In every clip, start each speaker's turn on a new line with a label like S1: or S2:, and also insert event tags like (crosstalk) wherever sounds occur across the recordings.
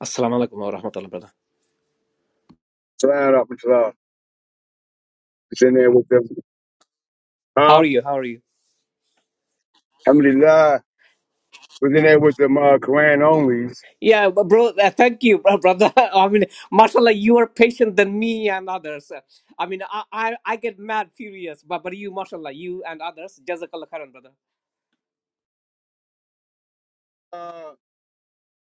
S1: Assalamu alaikum wa rahmatullah, brother.
S2: Slide up and slide. Was in there with them.
S1: How
S2: Huh?
S1: are you? How are you?
S2: How many live? Was in there with them uh, Quran onlys.
S1: Yeah, b- bro, uh, thank you, bro- brother. (laughs) I mean, mashallah, you are patient than me and others. Uh, I mean, I, I, I get mad, furious, but, but you, mashallah, you and others, jazakallah khairan, brother.
S2: Uh,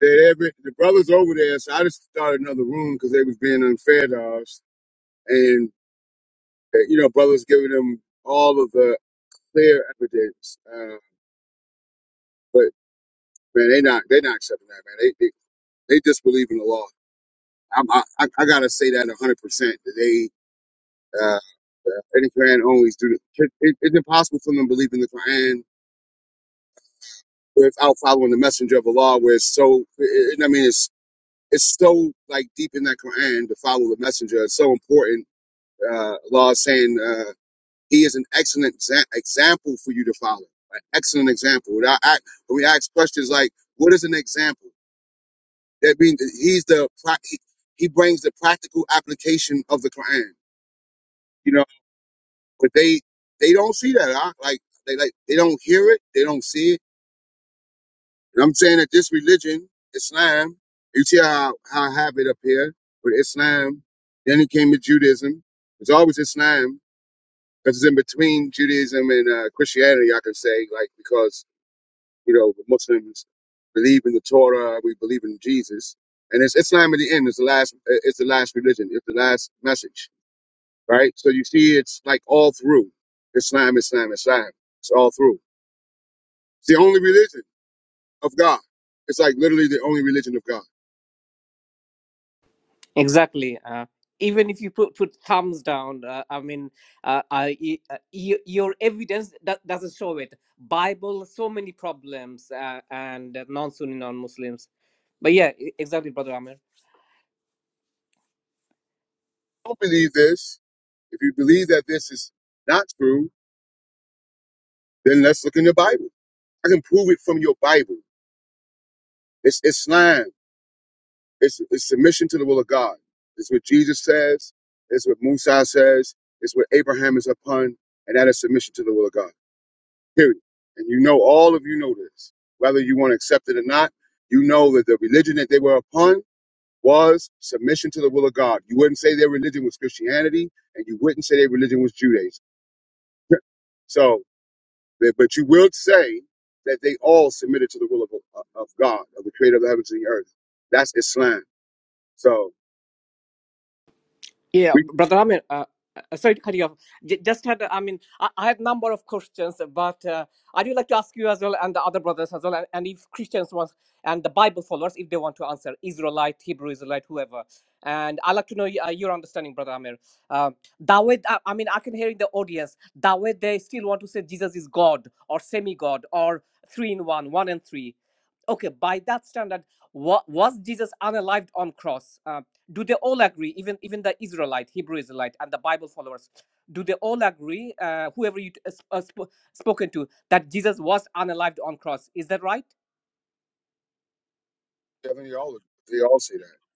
S2: that every the brothers over there. So I just started another room because they was being unfair to us, and uh, you know, brothers giving them all of the clear evidence. Uh, but man, they not they not accepting that, man. They they, they disbelieve in the law. I'm, I I I gotta say that 100 percent that they. Uh, uh, any Quran onlys do. the- It, it, it's impossible for them to believe in the Quran without following the messenger of Allah, where it's so, I mean, it's it's so like deep in that Quran to follow the messenger. It's so important. Uh, Allah is saying uh, He is an excellent exa- example for you to follow. An excellent example. When I, I, when we ask questions like, "What is an example?" That means that He's the pra- he, he brings the practical application of the Quran. You know, but they they don't see that. Huh? Like they like they don't hear it. They don't see it And I'm saying that this religion, Islam, you see how, how I have it up here with Islam. Then it came to Judaism. It's always Islam because it's in between Judaism and uh, Christianity, I can say, like, because, you know, the Muslims believe in the Torah, we believe in Jesus. And it's Islam at the end. It's the last, uh, it's the last religion. It's the last message, right? So you see, it's like all through Islam, Islam, Islam. It's all through. It's the only religion of God. It's like literally the only religion of God.
S1: Exactly. Uh, even if you put, put thumbs down, uh, I mean, uh, I, y- uh, y- your evidence that doesn't show it. Bible, so many problems, uh, and non Sunni, non Muslims. But yeah, e- exactly, brother Amir.
S2: don't believe this, if you believe that this is not true, then let's look in the Bible. I can prove it from your Bible. It's Islam. It's, it's submission to the will of God. It's what Jesus says. It's what Musa says. It's what Abraham is upon, and that is submission to the will of God. Period. And you know, all of you know this, whether you want to accept it or not. You know that the religion that they were upon was submission to the will of God. You wouldn't say their religion was Christianity, and you wouldn't say their religion was Judaism. (laughs) So But but you will say that they all submitted to the will of, uh, of God, of the creator of the heavens and the earth. That's Islam. So
S1: Yeah,
S2: we
S1: brother Amir, uh, uh, sorry to cut you off. J- just had, I mean, I, I have number of questions, but uh, I do like to ask you as well, and the other brothers as well, and, and if Christians want, and the Bible followers, if they want to answer, Israelite, Hebrew Israelite, whoever. And i like to know y- uh, your understanding, brother Amir. Um that way, I, I mean, I can hear in the audience, that way they still want to say Jesus is God, or semi-God, or three in one, one and three. Okay, by that standard, wa- was Jesus unalived on cross? Uh, do they all agree even even the israelite hebrew israelite and the bible followers do they all agree uh, whoever you uh, sp- uh, spoken to that jesus was unalived on cross is that right
S2: definitely all they all say that.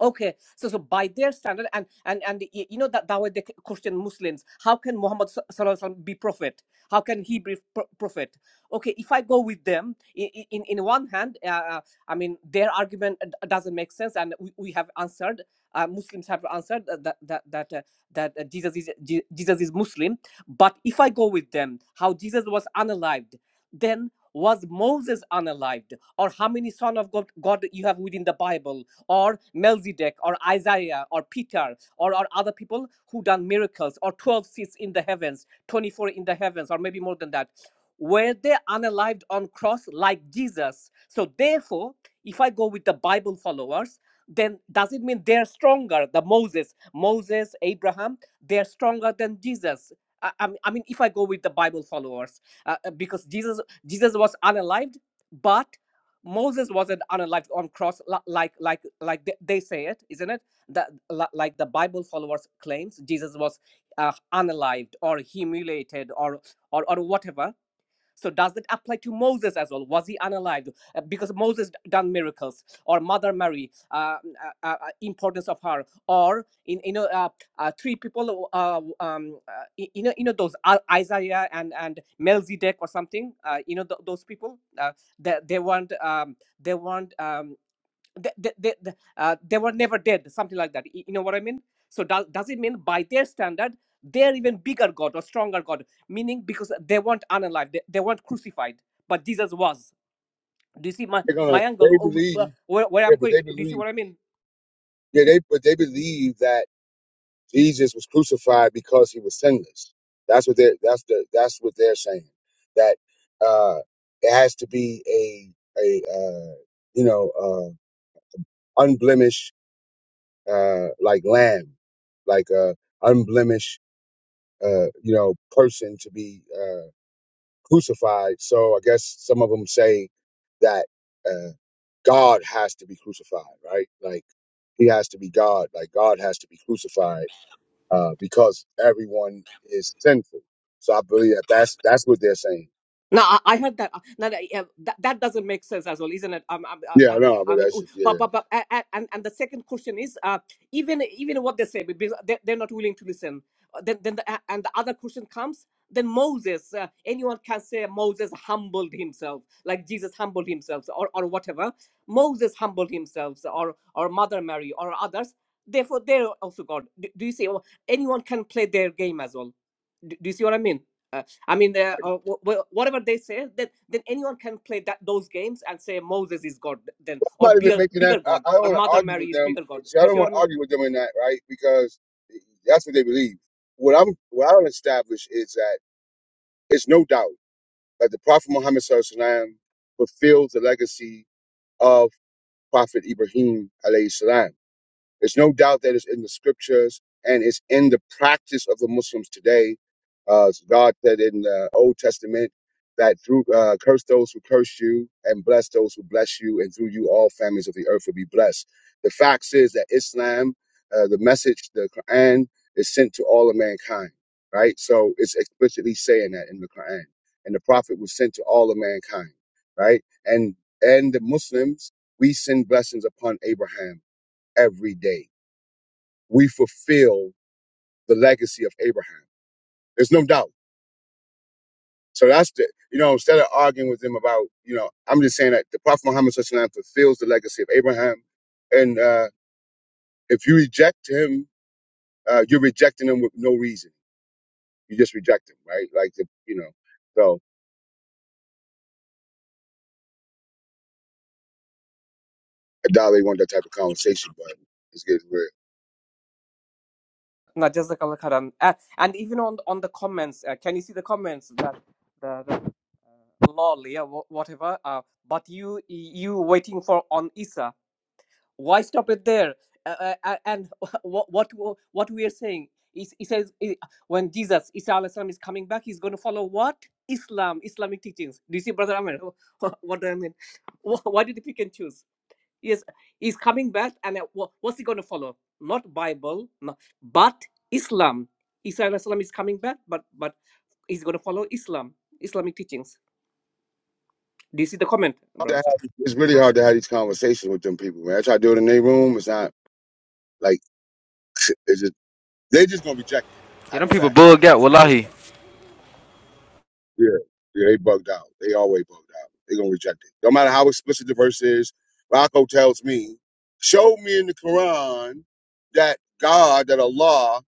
S1: Okay, so so by their standard, and and and y- you know that that way they question Muslims. How can Muhammad s- sallallahu alaihi wasallam be prophet? How can he be pro- prophet? Okay, if I go with them, i- i- in in one hand, uh, uh, I mean their argument d- doesn't make sense, and we, we have answered. Uh, Muslims have answered that that that that, uh, that uh, Jesus is Je- Jesus is Muslim. But if I go with them, how Jesus was unalived, then was Moses unalived, or how many son of God God you have within the Bible? or Melchizedek or Isaiah or Peter or, or other people who done miracles or 12 seats in the heavens, 24 in the heavens, or maybe more than that. Were they unalived on cross like Jesus? So therefore, if I go with the Bible followers, then does it mean they're stronger? The Moses, Moses, Abraham, they're stronger than Jesus. I, I mean, I mean, if I go with the Bible followers, uh, uh, because Jesus, Jesus was unalived, but Moses wasn't on a like on cross like like like they they say it, isn't it? That like the Bible followers claims Jesus was uh, unalived or humiliated or or or whatever so does that apply to Moses as well? Was he unalive? Uh, Because Moses done miracles, or Mother Mary, uh, mm, uh, uh, uh, importance of her, or in you know uh, uh, three people, uh, um, uh, you know you know those I- Isaiah and and Melzidek or something, uh, you know th- those people. Uh, they they weren't um, they weren't um, they, they, they, uh, they were never dead, something like that. You know what I mean? So does, does it mean by their standard, they're even bigger God or stronger God, meaning because they weren't unalive, they, they weren't crucified, but Jesus was. Do you see my,
S2: They're
S1: my
S2: gonna
S1: angle,
S2: they
S1: Oh, uh,
S2: believe
S1: where, where
S2: yeah,
S1: I'm
S2: but
S1: going?
S2: they
S1: Do you see
S2: believe
S1: what I mean?
S2: yeah, they but they believe that Jesus was crucified because he was sinless. That's what they that's the that's what they're saying. That uh it has to be a a uh you know uh unblemished uh like lamb, like uh unblemished uh, you know, person to be uh, crucified. So I guess some of them say that uh, God has to be crucified, right? Like he has to be God, like God has to be crucified uh, because everyone is sinful. So I believe that that's that's what they're saying.
S1: No, I, I heard that. uh, Now that, yeah, that that doesn't make sense as well, isn't it? Um, um, uh,
S2: Yeah, I
S1: uh,
S2: know,
S1: I
S2: but
S1: mean,
S2: that's
S1: uh,
S2: just, yeah.
S1: but
S2: I'm
S1: but but a- a- and and the second question is, uh, even even what they say, because they they're not willing to listen. Uh, Then then the, a- and the other question comes. Then Moses, uh, anyone can say Moses humbled himself, like Jesus humbled himself, or or whatever. Moses humbled himself, or or Mother Mary, or others. Therefore, they're also God. Do, do you see? Or anyone can play their game as well. Do, do you see what I mean? Uh, I mean, they uh, wh- wh- whatever they say, then then anyone can play that those games and say Moses is God, then or
S2: not even
S1: bigger
S2: making that.
S1: bigger God
S2: I, I don't
S1: or
S2: want to
S1: Mother
S2: argue
S1: Mary
S2: with
S1: is
S2: them.
S1: bigger God.
S2: See, I
S1: Do you
S2: don't
S1: see what
S2: want
S1: I
S2: to
S1: mean?
S2: argue with them in that, right? Because that's what they believe. What I'm what I would establish is that it's no doubt. that the Prophet Muhammad SAW fulfills the legacy of Prophet Ibrahim alayhi salam. There's no doubt that it's in the scriptures and it's in the practice of the Muslims today. Uh, God said in the Old Testament that through uh, curse those who curse you and bless those who bless you, and through you all families of the earth will be blessed. The fact is that Islam, uh, the message, the Quran, is sent to all of mankind, right? So it's explicitly saying that in the Quran, and the Prophet was sent to all of mankind, right? And and the Muslims, we send blessings upon Abraham every day we fulfill the legacy of Abraham. There's no doubt. So that's the, you know, instead of arguing with them about, you know, I'm just saying that the Prophet Muhammad SAW fulfills the legacy of Abraham. And uh, if you reject him, uh, you're rejecting him with no reason. You just reject him, right? Like, the, you know, so I Adali want that type of conversation, but it's getting weird.
S1: No, Jazakallah khairan. Uh, and even on on the comments, uh, can you see the comments that the, the lol, yeah, wha- whatever. Uh, but you you waiting for on Isa? why stop it there uh, uh, and (laughs) what what what we are saying is he says eh, when jesus isa alayhi salam, is coming back he's going to follow what islam islamic teachings do you see brother Amir? (laughs) what do i mean why did he pick and choose yes he's coming back and uh, what's he going to follow not bible no, but islam isa alayhi salam is coming back but but he's going to follow islam islamic teachings do you see the comment,
S2: Hard to
S1: browser?
S2: have- It's really hard to have these conversations with them people, man. I try to do it in their room. It's not like, it's just, they just going to reject it.
S3: Yeah,
S2: I
S3: them
S2: know
S3: people
S2: that, right?
S3: bugged
S2: Like,
S3: out.
S2: for the most
S3: Wallahi,
S2: part. Yeah, yeah, they bugged out. They always bugged out. They gonna reject it, no matter how explicit the verse is. Rocco tells me, show me in the Quran that God, that Allah,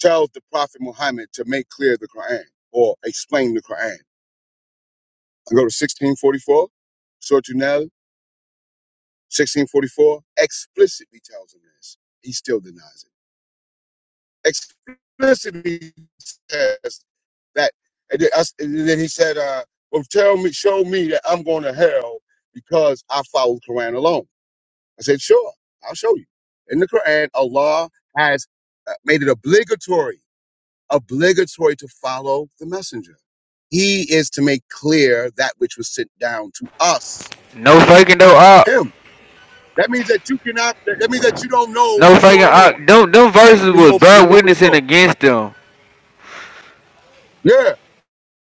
S2: tells the Prophet Muhammad to make clear the Quran or explain the Quran. I go to 1644, Surah An-Nahl, 1644, explicitly tells him this. He still denies it. explicitly says that. And then, he said, uh, "Well, tell me, show me that I'm going to hell because I follow the Quran alone." I said, "Sure, I'll show you." In the Quran, Allah has uh, made it obligatory, obligatory to follow the messenger. He is to make clear that which was sent down to us,
S3: no faking though. Op,
S2: him. That means that you cannot. That means that you don't know
S3: no
S2: what's
S3: faking.
S2: going on
S3: Op. Them them
S2: right?
S3: verses
S2: when you
S3: was
S2: open when you
S3: bad
S2: open the
S3: witnessing
S2: book.
S3: against them.
S2: Yeah,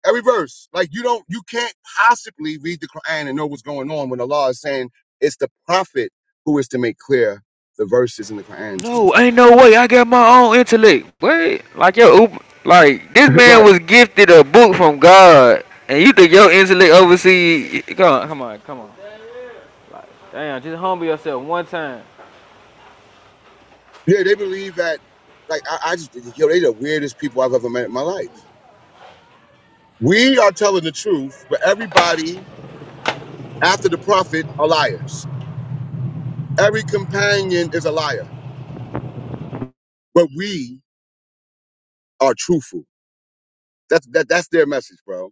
S2: every verse. Like you don't, you can't possibly read the Quran and know what's going on when Allah is saying it's the prophet who is to make clear the verses in the Quran to you.
S3: No, ain't no way. I got my own intellect. Wait, like your like this
S2: (laughs)
S3: man
S2: right.
S3: was gifted a book from God, and you think your intellect oversee? Come on, come on, come on. Damn, just humble yourself one time.
S2: Yeah, they believe that. Like I, I just, yo, they the weirdest people I've ever met in my life. We are telling the truth, but everybody after the prophet are liars. Every companion is a liar, but we are truthful. That's that. That's their message, bro.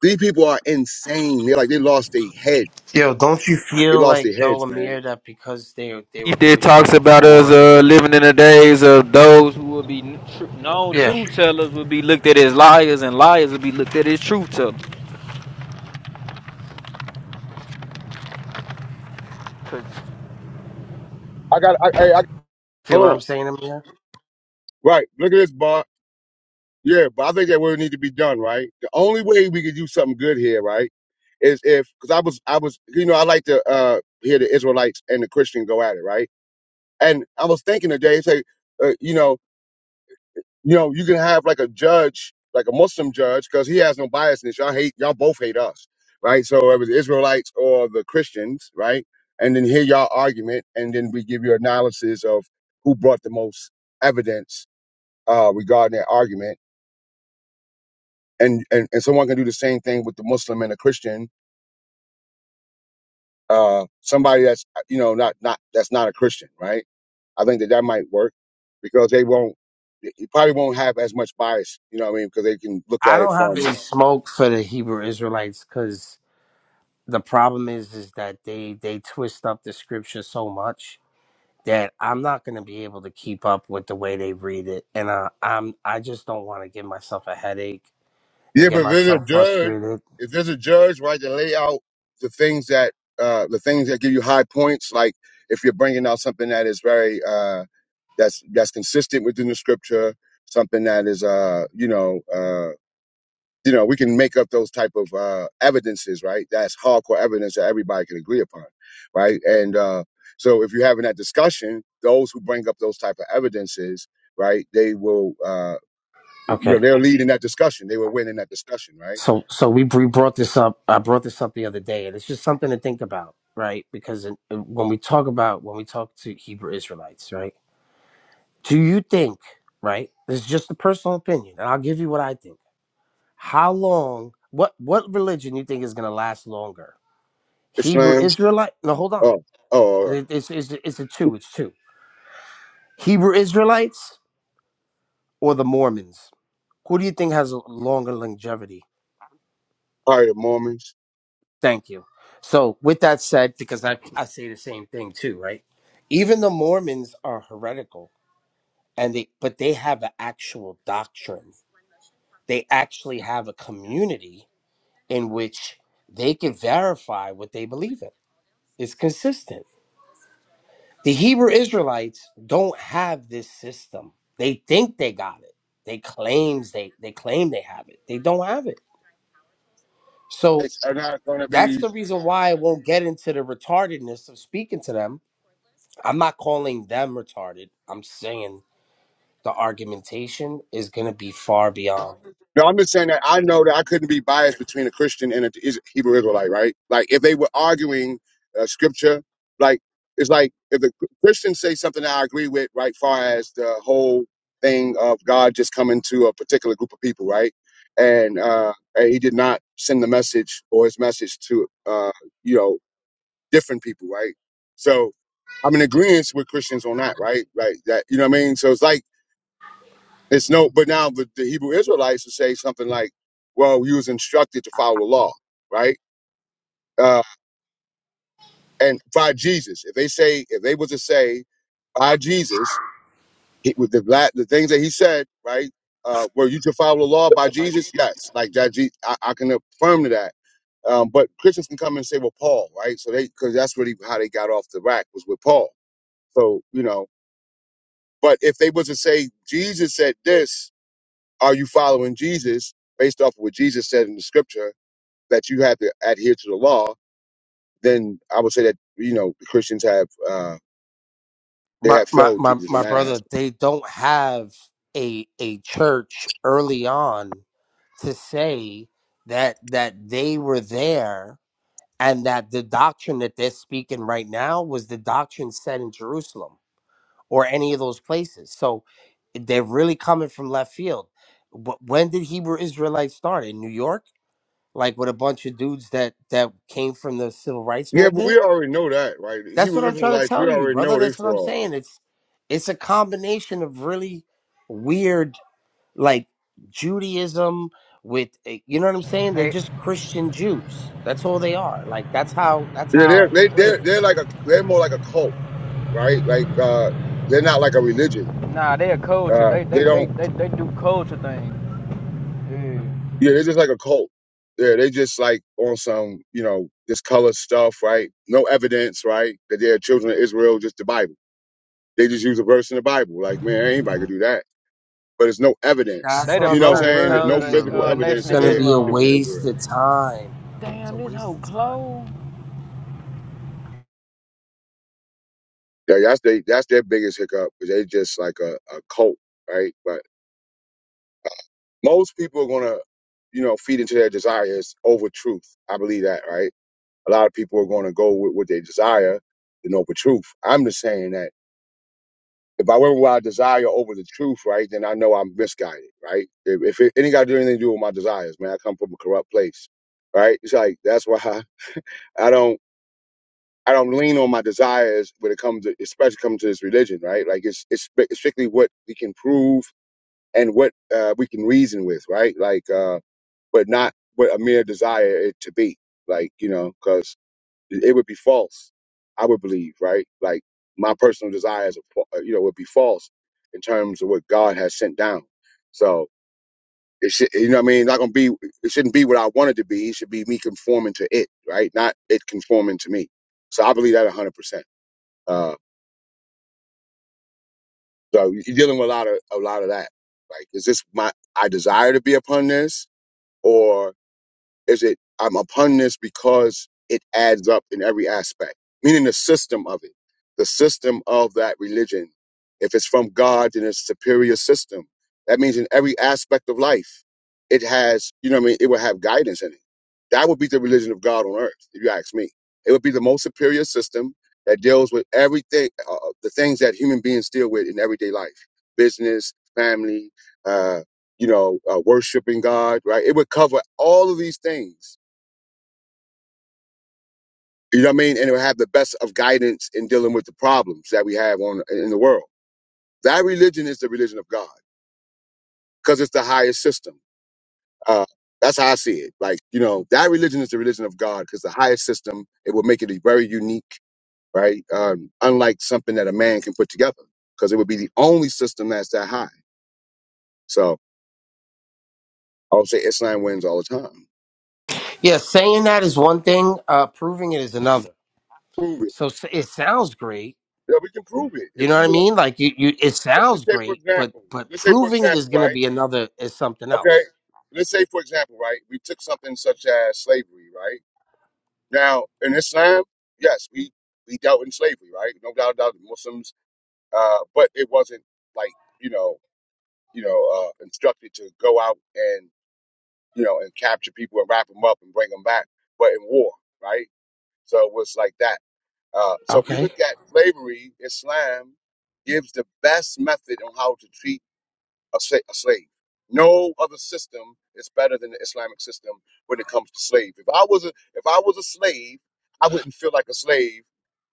S2: These people are insane. They're like they lost their head.
S4: Yo, don't you
S2: They
S4: feel
S2: lost
S4: like
S2: their
S4: though,
S2: heads,
S4: Amir,
S2: man.
S4: that because they they were
S3: If there
S4: Christians
S3: talks about us
S4: before?
S3: uh, living in the days of those who will be n- tr- known
S4: Yeah,
S3: truth tellers will be looked at as liars, and liars will be looked at as truth tellers.
S2: I got I, I
S4: see
S2: Hold
S4: what
S2: on.
S4: I'm saying, Amir?
S2: Right. Look at this, Bart. Yeah, but I think that would need to be done, right? The only way we could do something good here, right, is if because I was I was you know I like to uh hear the Israelites and the Christian go at it, right? And I was thinking today, say, uh, you know, you know, you can have like a judge, like a Muslim judge, because he has no bias in this. Y'all hate, y'all both hate us, right? So it was the Israelites or the Christians, right? And then hear y'all argument, and then we give you analysis of who brought the most evidence uh, regarding that argument and, and and someone can do the same thing with the Muslim and a Christian, uh, somebody that's you know not not that's not a Christian, right? I think that that might work because they won't, you probably won't have as much bias, you know what I mean? Because they can look
S4: I
S2: at it
S4: don't have
S2: from
S4: any smoke for the Hebrew Israelites because the problem is is that they they twist up the scripture so much that I'm not gonna be able to keep up with the way they read it, and uh, I'm I just don't want to give myself a headache
S2: yeah,
S4: and get
S2: but if there's a
S4: myself
S2: judge,
S4: frustrated.
S2: if there's a judge, right, to lay out the things that uh, the things that give you high points, like if you're bringing out something that is very uh, that's that's consistent within the scripture, something that is uh, you know. uh you know, we can make up those type of uh, evidences, right? That's hardcore evidence that everybody can agree upon, right? And uh, so, if you're having that discussion, those who bring up those type of evidences, right, they will, uh, you
S4: Okay.
S2: know, they'll lead in that discussion. They will win in that discussion, right?
S4: So, so we we brought this up. I brought this up the other day, and it's just something to think about, right? Because in, in- when we talk about when we talk to Hebrew Israelites, right? Do you think, right? This is just a personal opinion, and I'll give you what I think. How long? What what religion you think is going to last longer? Hebrew
S2: Islam,
S4: Israelite? No, hold on.
S2: oh, oh,
S4: It- it's it's it's a two. It's two. Hebrew Israelites or the Mormons? Who do you think has a longer longevity?
S2: all right, Mormons.
S4: Thank you. So, with that said, because I, I say the same thing too, right? Even the Mormons are heretical, and they but they have an actual doctrine. They actually have a community in which they can verify what they believe in. It's consistent. The Hebrew Israelites don't have this system. They think they got it. They claims they they claim they have it. They don't have it. So
S2: It's are not going to
S4: that's
S2: be.
S4: the reason why I won't get into the retardedness of speaking to them I'm not calling them retarded. I'm saying the argumentation is going to be far beyond.
S2: No, I'm just saying that I know that I couldn't be biased between a Christian and a Is- Hebrew Israelite, right? Like if they were arguing uh, scripture, like it's like if the Christians say something that I agree with, right? Far as the whole thing of God just coming to a particular group of people, right? And uh, and he did not send the message or his message to uh, you know different people, right? So I'm in agreement with Christians on that, right? Like that, you know what I mean? So it's like it's no, but now the, the Hebrew Israelites would say something like, "Well, you was instructed to follow the law, right?" Uh, and by Jesus, if they say, if they were to say by Jesus, he, with the la- the things that he said, right? Uh, were you to follow the law by Jesus? Yes, like that. Je- I, I can affirm to that. Um, but Christians can come and say, "Well, Paul," right? So they, because that's really how they got off the rack was with Paul. So you know, but if they were to say Jesus said this, Are you following Jesus based off of what Jesus said in the scripture that you have to adhere to the law? Then I would say that, you know, Christians have, uh, they
S4: My,
S2: have
S4: my
S2: failed
S4: my
S2: Jesus in
S4: my
S2: that
S4: brother,
S2: aspect.
S4: they don't have a a church early on to say that that they were there and that the doctrine that they're speaking right now was the doctrine set in Jerusalem or any of those places. So they're really coming from left field. Wh- When did Hebrew Israelites start in New York? like with a bunch of dudes that that came from the civil rights
S2: Yeah, but
S4: movement.
S2: we already know that, right?
S4: That's what
S2: Hebrew
S4: I'm trying to
S2: Israelites, we
S4: tell you,
S2: already
S4: brother.
S2: know they
S4: That's what I'm
S2: fraud.
S4: saying. It's it's a combination of really weird like Judaism with eh, you know what I'm saying? They're
S3: Hey,
S4: just Christian Jews. That's all they are. Like that's how that's
S2: Yeah,
S4: how I
S2: they're, they, they're,
S4: explain it.
S2: they're like a, they're more like a cult, right? Like, uh, they're not like a religion.
S3: Nah, they a culture.
S2: Uh,
S3: They
S2: they
S3: they they
S2: don't,
S3: they, they do culture things. Yeah.
S2: yeah, they're just like a cult. Yeah, they just like on some, you know, this color stuff, right? No evidence, right? That they're children of Israel, just the Bible. They just use a verse in the Bible. Like, man, anybody could do that. But there's no evidence.
S4: That's
S2: (laughs)
S3: They
S4: what
S3: the
S2: You
S4: I'm
S2: know what I'm
S3: broke
S4: trying to
S2: saying? There's
S3: version
S4: tell
S3: of
S2: no
S4: you. I
S2: physical
S3: the uh,
S4: mean,
S2: evidence
S4: it's
S3: Nation
S2: that
S3: of
S4: gonna
S2: they're
S4: be a
S2: children of
S3: Islam.
S4: waste
S2: Israel.
S4: of time, yo. It's a
S3: Damn, this
S4: waste
S3: whole
S4: of time,
S3: clothes.
S4: bro.
S2: Yeah, that's they that's their biggest hiccup because they just like a, a cult, right? But most people are gonna, you know, feed into their desires over truth. I believe that, right? A lot of people are gonna go with what they desire than over truth. I'm just saying that If I went with our desire over the truth, right, then I know I'm misguided, right? If, if it ain't got to do anything to do with my desires, man, I come from a corrupt place, right? It's like that's why I, I don't I don't lean on my desires when it comes to, especially comes to this religion, right? Like it's it's sp- strictly what we can prove and what uh, we can reason with, right? Like, uh, but not what a mere desire it to be, like you know, 'cause it would be false, I would believe, right? Like my personal desires, are fa- uh, you know, would be false in terms of what God has sent down. So it should, you know, what I mean, not gonna be. It shouldn't be what I want it to be. It should be me conforming to it, right? Not it conforming to me. So I believe that a hundred percent. Uh, so you're dealing with a lot of a lot of that. Like, is this my I desire to be upon this, or Is it I'm upon this because it adds up in every aspect, meaning the system of it, the system of that religion. If it's from God, then it's superior system. That means in every aspect of life, it has, you know what I mean, it will have guidance in it. That would be the religion of God on earth, if you ask me. It would be the most superior system that deals with everything, uh, uh, the things that human beings deal with in everyday life business, family, uh you know, uh, worshiping God, right? It would cover all of these things. You know what I mean? And it would have the best of guidance in dealing with the problems that we have on in the world. That religion is the religion of God because it's the highest system. Uh, that's how I see it. Like, you know, that religion is the religion of God because the highest system, it will make it a very unique, right? Um, unlike something that a man can put together because it would be the only system that's that high. So I would say Islam wins all the time.
S4: Yeah, saying that is one thing, uh, proving it is another.
S2: Prove it.
S4: So s- it sounds great
S2: Yeah, we can prove it. if
S4: You know
S2: we
S4: what I
S2: were
S4: mean? Like you, you it
S2: Let's just
S4: sounds
S2: say, for
S4: great, but
S2: example,
S4: but
S2: let's say, for
S4: proving it is
S2: example,
S4: going to
S2: right?
S4: be another is something
S2: Okay.
S4: else.
S2: Let's say, for example, right? We took something such as slavery, right? Now, in Islam, yes, we, we dealt in slavery, right? No doubt about it, Muslims, uh, but it wasn't like, you know, you know, uh, instructed to go out and, you know, and capture people and wrap them up and bring them back, but in war, right? So it was like that. Uh, so if we
S4: Okay.
S2: look at slavery, Islam gives the best method on how to treat a, sla- a slave. No other system is better than the Islamic system when it comes to slaves. If I was a, if I was a slave, I wouldn't feel like a slave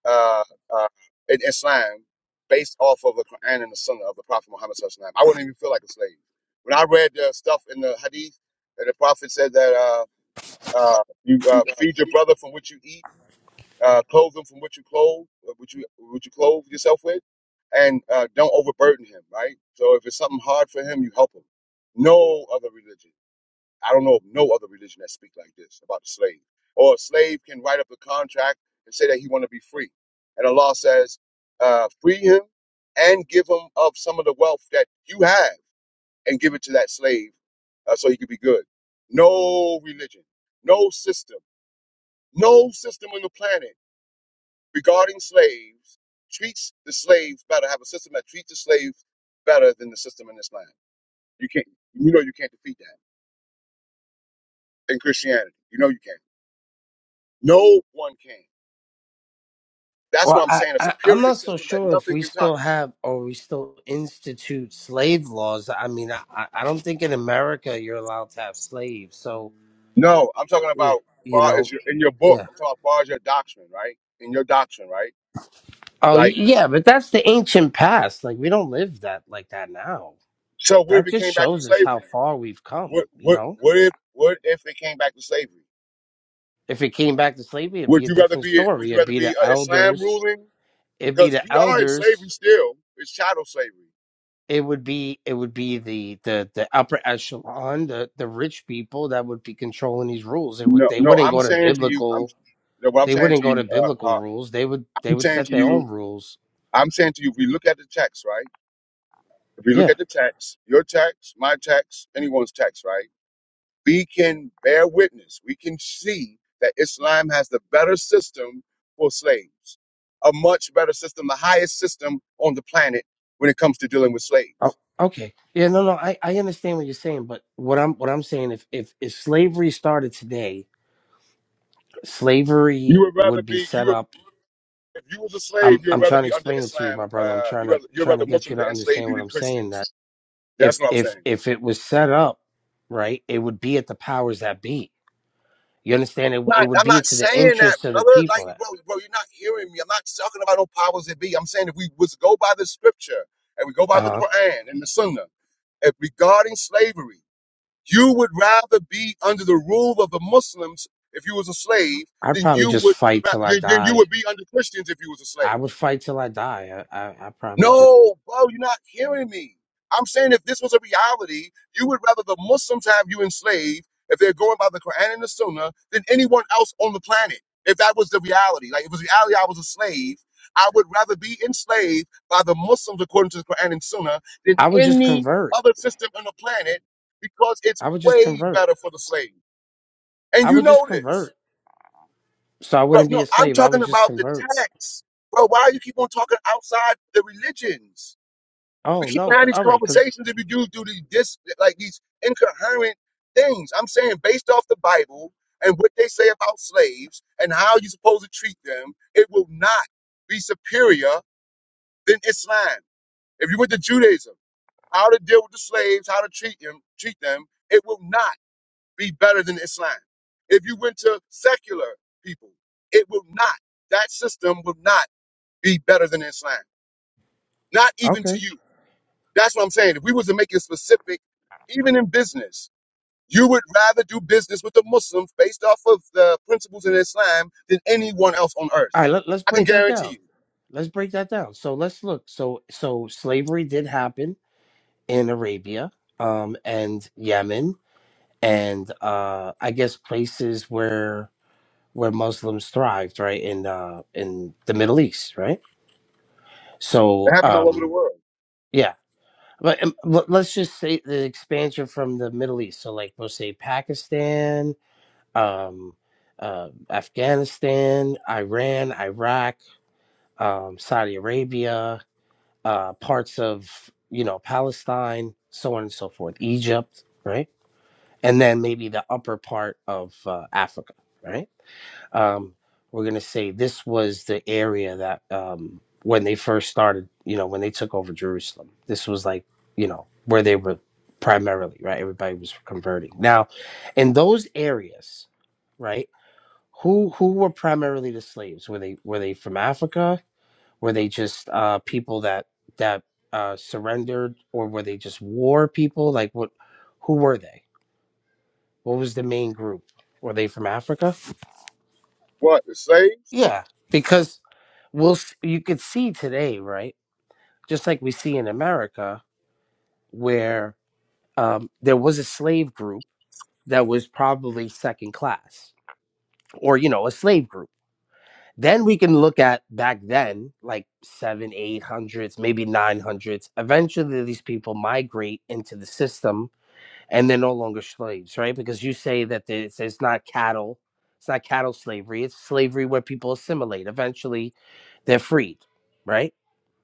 S2: uh, uh, in Islam based off of the Quran and the Sunnah of the Prophet Muhammad Sallallahu Alaihi Wasallam. I wouldn't even feel like a slave. When I read the stuff in the Hadith, and the Prophet said that uh, uh, you uh, feed your brother from what you eat uh, clothe him from what you clothe, uh, what you what you clothe yourself with, and uh, don't overburden him. Right. So if it's something hard for him, you help him. No other religion. I don't know of no other religion that speak like this about the slave. Or a slave can write up a contract and say that he want to be free, and Allah says, uh, free him and give him of some of the wealth that you have, and give it to that slave uh, so he could be good. No religion, no system, no system on the planet regarding slaves treats the slaves better, have a system that treats the slaves better than the system in Islam. You can't, you know, you can't defeat that in Christianity. You know, you can't. No one can. That's
S4: Well,
S2: what I'm
S4: I,
S2: saying. A
S4: I I'm
S2: superior
S4: not so
S2: system that
S4: sure if
S2: nothing
S4: we
S2: can touch.
S4: still have or we still institute slave laws. I mean, I I I don't think in America you're allowed to have slaves. So
S2: No, I'm talking
S4: yeah,
S2: about
S4: you
S2: far as
S4: know,
S2: your in your book.
S4: yeah.
S2: I'm talking about far as your doctrine, right? In your doctrine, right?
S4: Oh y-
S2: Like,
S4: yeah, but that's the ancient past. Like we don't live that like that now.
S2: so what if
S4: That
S2: it
S4: just
S2: came back to
S4: shows us how
S2: slavery?
S4: far we've come.
S2: What,
S4: You
S2: what,
S4: know,
S2: what if, what if it came back to slavery?
S4: if it came back to slavery, it'd
S2: Would
S4: be a
S2: you rather
S4: different
S2: be, would
S4: story.
S2: you
S4: It'd
S2: rather
S4: be
S2: be
S4: the
S2: uh, Islam
S4: elders
S2: ruling
S4: it'd be
S2: because
S4: the
S2: we are in slavery
S4: elders
S2: still. It's shadow slavery.
S4: it would be it would be the the the upper echelon the the rich people that would be controlling these rules it would
S2: No,
S4: they
S2: no,
S4: wouldn't
S2: I'm
S4: go to
S2: saying to you, I'm
S4: biblical
S2: no, what I'm
S4: they
S2: saying
S4: wouldn't
S2: to
S4: go
S2: you,
S4: to
S2: uh,
S4: biblical
S2: uh,
S4: rules they would they
S2: I'm
S4: would
S2: saying
S4: set
S2: to
S4: their
S2: you,
S4: own rules
S2: I'm saying to you, if we look at the text, right? If we look
S4: yeah
S2: at the text, your text, my text, anyone's text, right? We can bear witness. We can see that Islam has the better system for slaves, a much better system, the highest system on the planet when it comes to dealing with
S4: oh,
S2: slaves.
S4: okay yeah no no i i understand what you're saying but what i'm what i'm saying if if if slavery started today
S2: You
S4: slavery
S2: would rather
S4: would be
S2: be you
S4: set
S2: would
S4: up
S2: If you was a
S4: i'm
S2: slave, you'd
S4: i'm
S2: rather
S4: trying to
S2: be under
S4: explain it to you
S2: Islam.
S4: my brother i'm
S2: Uh,
S4: trying
S2: you
S4: to
S2: rather you'd
S4: trying
S2: rather
S4: to get you
S2: Muslims
S4: to
S2: to enslave
S4: understand
S2: you
S4: what
S2: than
S4: i'm saying that.
S2: Christians. That's
S4: if
S2: what I'm
S4: if
S2: saying.
S4: if it was set up right, it would be at the powers that be. You understand? It, it
S2: Not,
S4: would
S2: I'm
S4: be
S2: not
S4: to the
S2: saying that,
S4: interests of the
S2: brother. Like,
S4: people. That,
S2: bro, bro, you're not hearing me. I'm not talking about no powers that be. I'm saying if we was to go by the scripture and we go by the
S4: uh,
S2: Quran and the Sunnah, if regarding slavery, you would rather be under the rule of the Muslims if you was a slave
S4: I'd
S2: than
S4: probably
S2: you
S4: just
S2: would
S4: fight
S2: ra-
S4: till I
S2: than, than you
S4: die.
S2: would be under Christians if you was a
S4: I
S2: slave.
S4: would fight till I die. I, I I probably just
S2: No, bro, you're not hearing me. I'm saying if this was a reality, you would rather the Muslims have you enslaved if they're going by the Quran and the Sunnah than anyone else on the planet. If that was the reality, like if it was reality, I was a slave. I would rather be enslaved by the Muslims according to the Quran and Sunnah than
S4: I would just
S2: any
S4: convert.
S2: other system on the planet because it's
S4: I would just
S2: way
S4: convert.
S2: better for the slave. And
S4: I
S2: you
S4: would just
S2: know this.
S4: convert. So I
S2: But
S4: wouldn't
S2: no,
S4: be a
S2: I'm
S4: slave. I would
S2: talking
S4: just
S2: about the
S4: convert.
S2: text. Bro, why you keep on talking outside the religions? We
S4: Oh no!
S2: can't have
S4: c-
S2: these
S4: All right, cause
S2: conversations if you do do these dis like these incoherent things. I'm saying based off the Bible and what they say about slaves and how you're supposed to treat them, it will not be superior than Islam. If you went to Judaism, how to deal with the slaves, how to treat them, treat them, it will not be better than Islam. If you went to secular people, it will not. That system will not be better than Islam. Not even to
S4: okay.
S2: you. That's what I'm saying. If we was to make it specific, even in business, you would rather do business with the Muslims based off of the principles in Islam than anyone else on
S4: All
S2: earth.
S4: right, let, let's
S2: I can
S4: break that
S2: guarantee
S4: down.
S2: you.
S4: Let's break that down. So let's look. So so slavery did happen in Arabia, um, and Yemen and uh, I guess places where where Muslims thrived, right in uh, in the Middle East, right.
S2: It
S4: So
S2: happened all over the
S4: um,
S2: world.
S4: yeah, but um, let- let's just say the expansion from the Middle East. So like we'll say Pakistan, um, uh, Afghanistan, Iran, Iraq, um, Saudi Arabia, uh, parts of you know Palestine, so on and so forth, Egypt, right, and then maybe the upper part of uh, Africa, right um, we're going to say this was the area that um, when they first started, you know, when they took over Jerusalem, this was like, you know, where they were primarily, right? Everybody was converting. Now, in those areas, right? Who who were primarily the slaves? Were they were they from Africa? Were they just uh, people that that uh, surrendered, or were they just war people? Like what? Who were they? What was the main group? Were they from Africa?
S2: What, the slaves?
S4: Yeah, because we'll s- you could see today, right? Just like we see in America, where um, there was a slave group that was probably second class, or you know, a slave group. Then we can look at back then, like seven, eight hundreds, maybe nine hundreds. Eventually, these people migrate into the system, and they're no longer slaves, right? Because you say that it's, it's not cattle, it's not cattle slavery; it's slavery where people assimilate. Eventually, they're freed, right?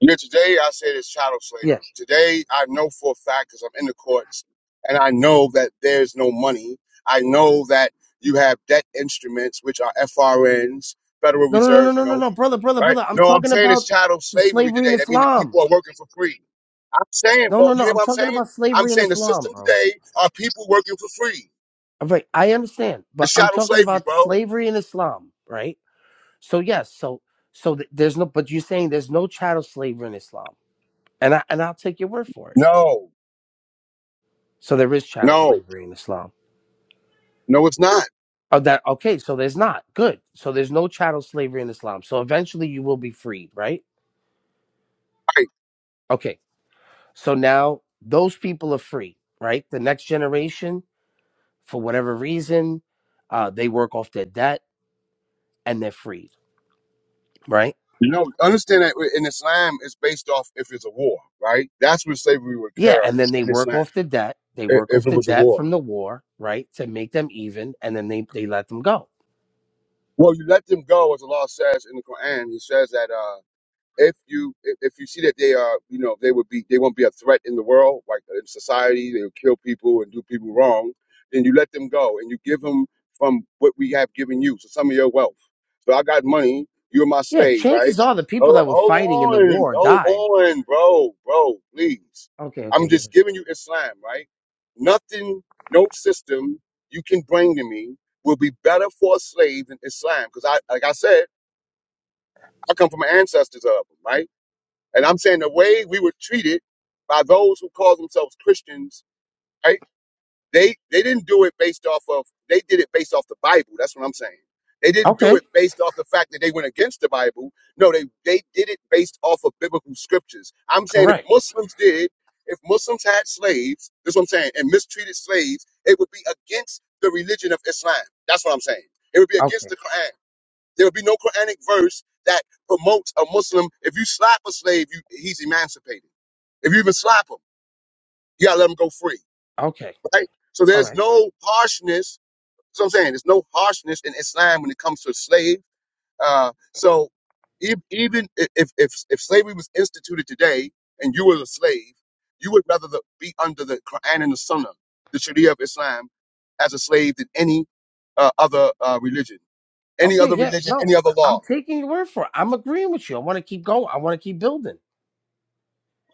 S2: Yeah, today I said it's chattel
S4: Yeah.
S2: slavery. Today I know for a fact because I'm in the courts and I know that there's no money. I know that you have debt instruments, which are FRNs, Federal
S4: No, no, no,
S2: Reserve
S4: no, no, no,
S2: notes.
S4: no, brother, brother,
S2: right?
S4: brother. I'm
S2: No, I'm
S4: talking
S2: saying it's
S4: about
S2: chattel
S4: the
S2: slavery
S4: slavery in
S2: today. That means the
S4: Islam.
S2: people are working for free. I'm saying,
S4: No,
S2: bro,
S4: no, no.
S2: you hear
S4: I'm
S2: what I'm
S4: talking
S2: saying?
S4: about
S2: I'm
S4: slavery in
S2: saying the
S4: Islam,
S2: system
S4: bro.
S2: today are people working for free.
S4: All right, I understand, but
S2: It's
S4: I'm
S2: chattel
S4: talking
S2: slavery,
S4: about
S2: bro.
S4: slavery in Islam, right? So yes, so so th- there's no, but you're saying there's no chattel slavery in Islam, and I and I'll take your word for it.
S2: No,
S4: So there is chattel
S2: no,
S4: slavery in Islam.
S2: no, it's not.
S4: Oh, that okay? So there's not good. So there's no chattel slavery in Islam. So eventually you will be freed, right?
S2: Right.
S4: Okay. So now those people are free, right? The next generation for whatever reason, uh, they work off their debt and they're freed, right?
S2: You know, understand that in Islam, it's based off if it's a war, right? That's where slavery would
S4: Yeah,
S2: occur
S4: and then they
S2: in
S4: work
S2: Islam,
S4: off the debt. They
S2: i-
S4: work off
S2: if it
S4: the
S2: was a
S4: debt
S2: war.
S4: from the war, right, to make them even, and then they, they let them go.
S2: Well, you let them go, as Allah says in the Quran. He says that. uh, if you if if you see that they are you know they would be they won't be a threat in the world like in society they'll kill people and do people wrong then you let them go and you give them from what we have given you so some of your wealth so i got money you're my
S4: Yeah,
S2: slave
S4: chances
S2: right
S4: are the people
S2: oh,
S4: that were fighting in
S2: hold
S4: the
S2: on
S4: war died.
S2: hold on bro bro please
S4: Okay, okay,
S2: i'm
S4: okay.
S2: just giving you islam right nothing no system you can bring to me will be better for a slave than islam because i like i said i come from ancestors of them right and I'm saying the way we were treated by those who call themselves Christians, right? They they didn't do it based off of they did it based off the Bible. That's what I'm saying. They didn't do
S4: Okay,
S2: it based off the fact that they went against the Bible. No, they they did it based off of biblical scriptures. I'm saying if
S4: correct.
S2: Muslims did, if Muslims had slaves, this what I'm saying, and mistreated slaves, it would be against the religion of Islam. That's what I'm saying. It would be against
S4: Okay,
S2: the Quran. There will be no Quranic verse that promotes a Muslim. If you slap a slave, you, he's emancipated. If you even slap him, you gotta let him go free,
S4: okay,
S2: right? So
S4: all
S2: there's
S4: right.
S2: no harshness. So I'm saying there's no harshness in Islam when it comes to a slave. Uh, so e- even i- if, if if slavery was instituted today and you were a slave, you would rather the, be under the Quran and the Sunnah, the Sharia of Islam, as a slave than any uh, other uh, religion, any
S4: Okay,
S2: other
S4: yeah,
S2: religion,
S4: no,
S2: any other
S4: I'm
S2: law.
S4: taking your word for it. I'm agreeing with you. I want to keep going. I want to keep building.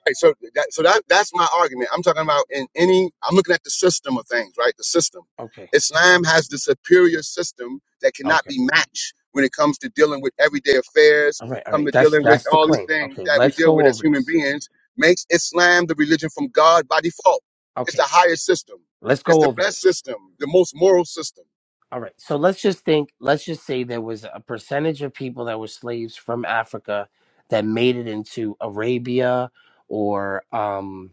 S2: Right, so that, so that that's my argument. I'm talking about in any. I'm looking at the system of things, right? The system.
S4: Okay,
S2: Islam has the superior system that cannot
S4: okay,
S2: be matched when it comes to dealing with everyday affairs,
S4: all right, all
S2: come
S4: right.
S2: to
S4: That's
S2: dealing with
S4: that's the
S2: all these
S4: claim.
S2: things
S4: Okay,
S2: that we
S4: let's
S2: deal
S4: go
S2: with as
S4: over
S2: human
S4: this.
S2: beings. Makes Islam the religion from God by default. It's the
S4: Okay,
S2: higher system.
S4: let's
S2: It's
S4: go
S2: the
S4: over
S2: best
S4: this.
S2: system, the most moral system.
S4: All right. So let's just think, let's just say there was a percentage of people that were slaves from Africa that made it into Arabia or um,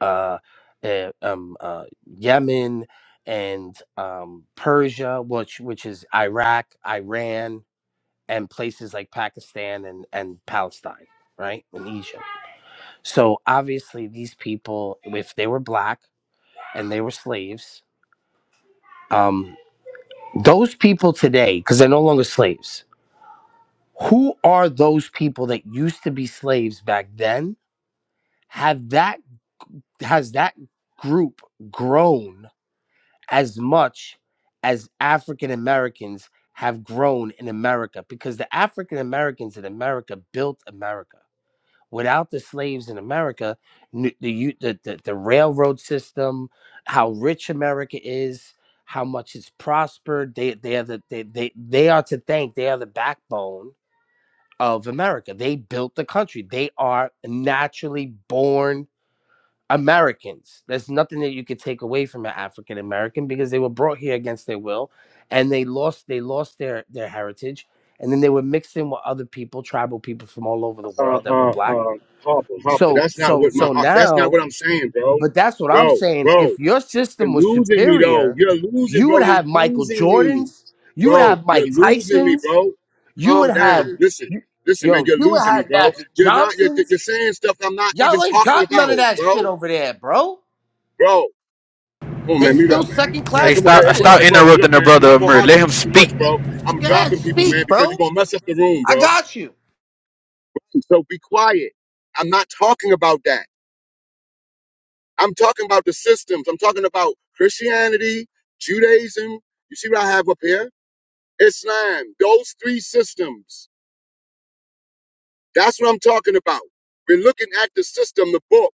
S4: uh, eh, um, uh, Yemen and um, Persia, which which is Iraq, Iran, and places like Pakistan and, and Palestine, right? And Egypt. So obviously these people, if they were black and they were slaves, um, those people today, because they're no longer slaves who are those people that used to be slaves back then have that has that group grown as much as african americans have grown in america because the african americans in america built america without the slaves in america n- the, u- the, the, the railroad system how rich america is how much it's prospered they they are the, they, they they are to thank they are the backbone of America. They built the country. They are naturally born Americans. There's nothing that you could take away from an African American because they were brought here against their will and they lost they lost their their heritage and then they were mixed in with other people, tribal people from all over the
S2: Uh,
S4: world that were
S2: uh,
S4: black.
S2: uh, Harper, Harper.
S4: So
S2: That's not
S4: so
S2: what my.
S4: so
S2: That's not
S4: now,
S2: what I'm saying, bro.
S4: but that's what I'm
S2: Bro,
S4: saying.
S2: bro.
S4: If your
S2: You're
S4: system was
S2: losing me though.
S4: superior,
S2: You're losing,
S4: you
S2: bro.
S4: would
S2: You're
S4: have Michael
S2: losing me.
S4: Jordans, you would
S2: Bro,
S4: have
S2: you're
S4: Mike
S2: losing me,
S4: Tysons,
S2: bro.
S4: you
S2: Calm
S4: would
S2: down.
S4: have,
S2: Listen.
S4: you-
S2: Listen, man,
S4: yo,
S2: you're
S4: you would
S2: losing me,
S4: have
S2: bro.
S4: Magic
S2: You're not you're you're
S4: Johnsons.
S2: saying stuff I'm not even
S4: Y'all ain't
S2: talking
S4: got none
S2: about,
S4: of that shit
S2: bro.
S4: over there, bro.
S2: Bro. Come on,
S4: They
S2: man,
S3: Hey,
S2: meet
S4: still
S2: up,
S3: stop.
S2: man.
S4: second
S2: Man,
S3: Hey,
S4: class
S2: Come on, hey, hey,
S3: stop
S2: bro,
S3: stop
S2: hey,
S4: citizens.
S2: bro. Hey,
S3: interrupting
S2: Look,
S3: the
S2: man, I'm
S3: brother
S2: not gonna
S3: Amir.
S2: argue
S3: Let
S2: with
S3: him
S2: you too
S3: speak.
S2: much, bro. I'm
S4: Go ahead,
S2: dropping people, man,
S4: speak,
S2: because you're
S4: bro.
S2: gonna mess up the room,
S4: I
S2: bro.
S4: got you.
S2: So be quiet. I'm not talking about that. I'm talking about the systems. I'm talking about Christianity, Judaism. You see what I have up here? Islam, those three systems. That's what I'm talking about. We're looking at the system, the book,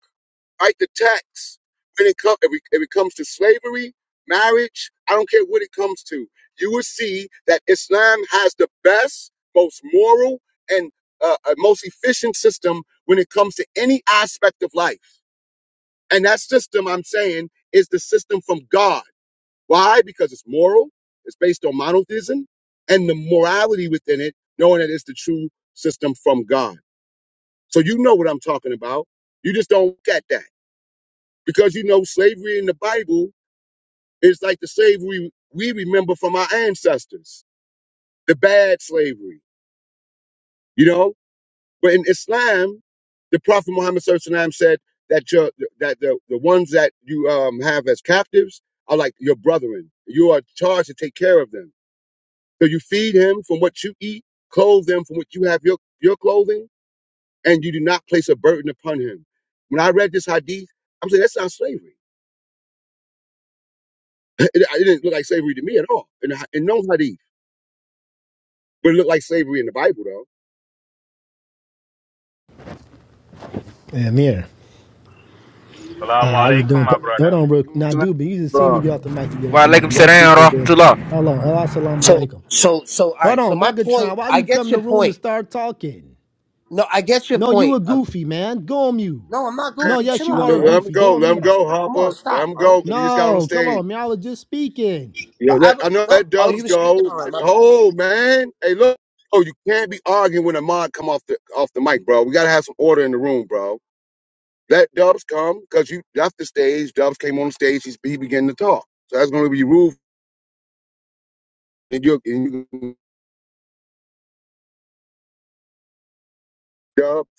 S2: right? The text. When it, com- if it if it comes to slavery, marriage, I don't care what it comes to, you will see that Islam has the best, most moral, and uh, uh, most efficient system when it comes to any aspect of life. And that system, I'm saying, is the system from God. Why? Because it's moral, it's based on monotheism, and the morality within it, knowing that it's the true system from God. So you know what I'm talking about. You just don't look at that because you know slavery in the Bible is like the slavery we remember from our ancestors, the bad slavery, you know? But in Islam, the Prophet Muhammad SAW said that your that the, the ones that you um, have as captives are like your brethren. You are charged to take care of them. So you feed him from what you eat, clothe them from what you have your, your clothing, and you do not place a burden upon him. When I read this hadith, I'm saying that's not slavery. (laughs) It, it didn't look like slavery to me at all. And in no hadith, but it looked like slavery in the Bible though.
S5: Yeah, Amir.
S6: Salaam
S5: Uh, how you
S6: alaikum,
S5: doing?
S6: my
S5: Hold
S6: brother.
S5: on, bro.
S2: You know
S5: Now,
S2: what
S5: dude, but you just see me
S2: I'm
S5: get off the mic. You get off
S3: Why
S5: the
S3: let
S5: mic.
S3: him sit
S5: Y'all
S3: down,
S5: people are good.
S3: Rahmatullah?
S5: Hold on. Hello, assalamu
S4: So,
S5: alaikum.
S4: so, so, all
S5: Hold
S4: right. So
S5: on,
S4: my point,
S5: Megatron. Why
S4: I
S5: you come
S4: get
S5: in
S4: your
S5: the room to
S4: point.
S5: start talking?
S4: No, I get your
S5: No, you
S4: point.
S5: a
S4: Um,
S5: goofy, man. Go on mute.
S4: no, I'm not
S2: saying?
S5: No,
S4: goofy.
S5: yes,
S4: Chill
S5: you
S4: out,
S5: are
S2: Let
S5: a
S2: let
S4: man.
S2: him
S5: goofy. Go
S2: go,
S5: on
S2: let him
S5: mute.
S2: go,
S4: Come on,
S2: Hopper. Let
S4: stop,
S2: him
S4: bro.
S2: go, cause he just got on
S5: No, come on,
S2: stage.
S5: man. I was just speaking.
S2: Yeah,
S4: But I
S2: let,
S4: would
S2: I know
S4: no.
S2: let
S4: Oh,
S2: Dubs
S4: you were speaking.
S2: go.
S4: All right, my bad.
S2: Oh man, hey look. Oh, you can't be arguing when a mod come off the off the mic, bro. We gotta have some order in the room, bro. Let Dubs come because you left the stage. Dubs came on the stage. He's, he began to talk. So that's going to be rude. And you, and you Dubs.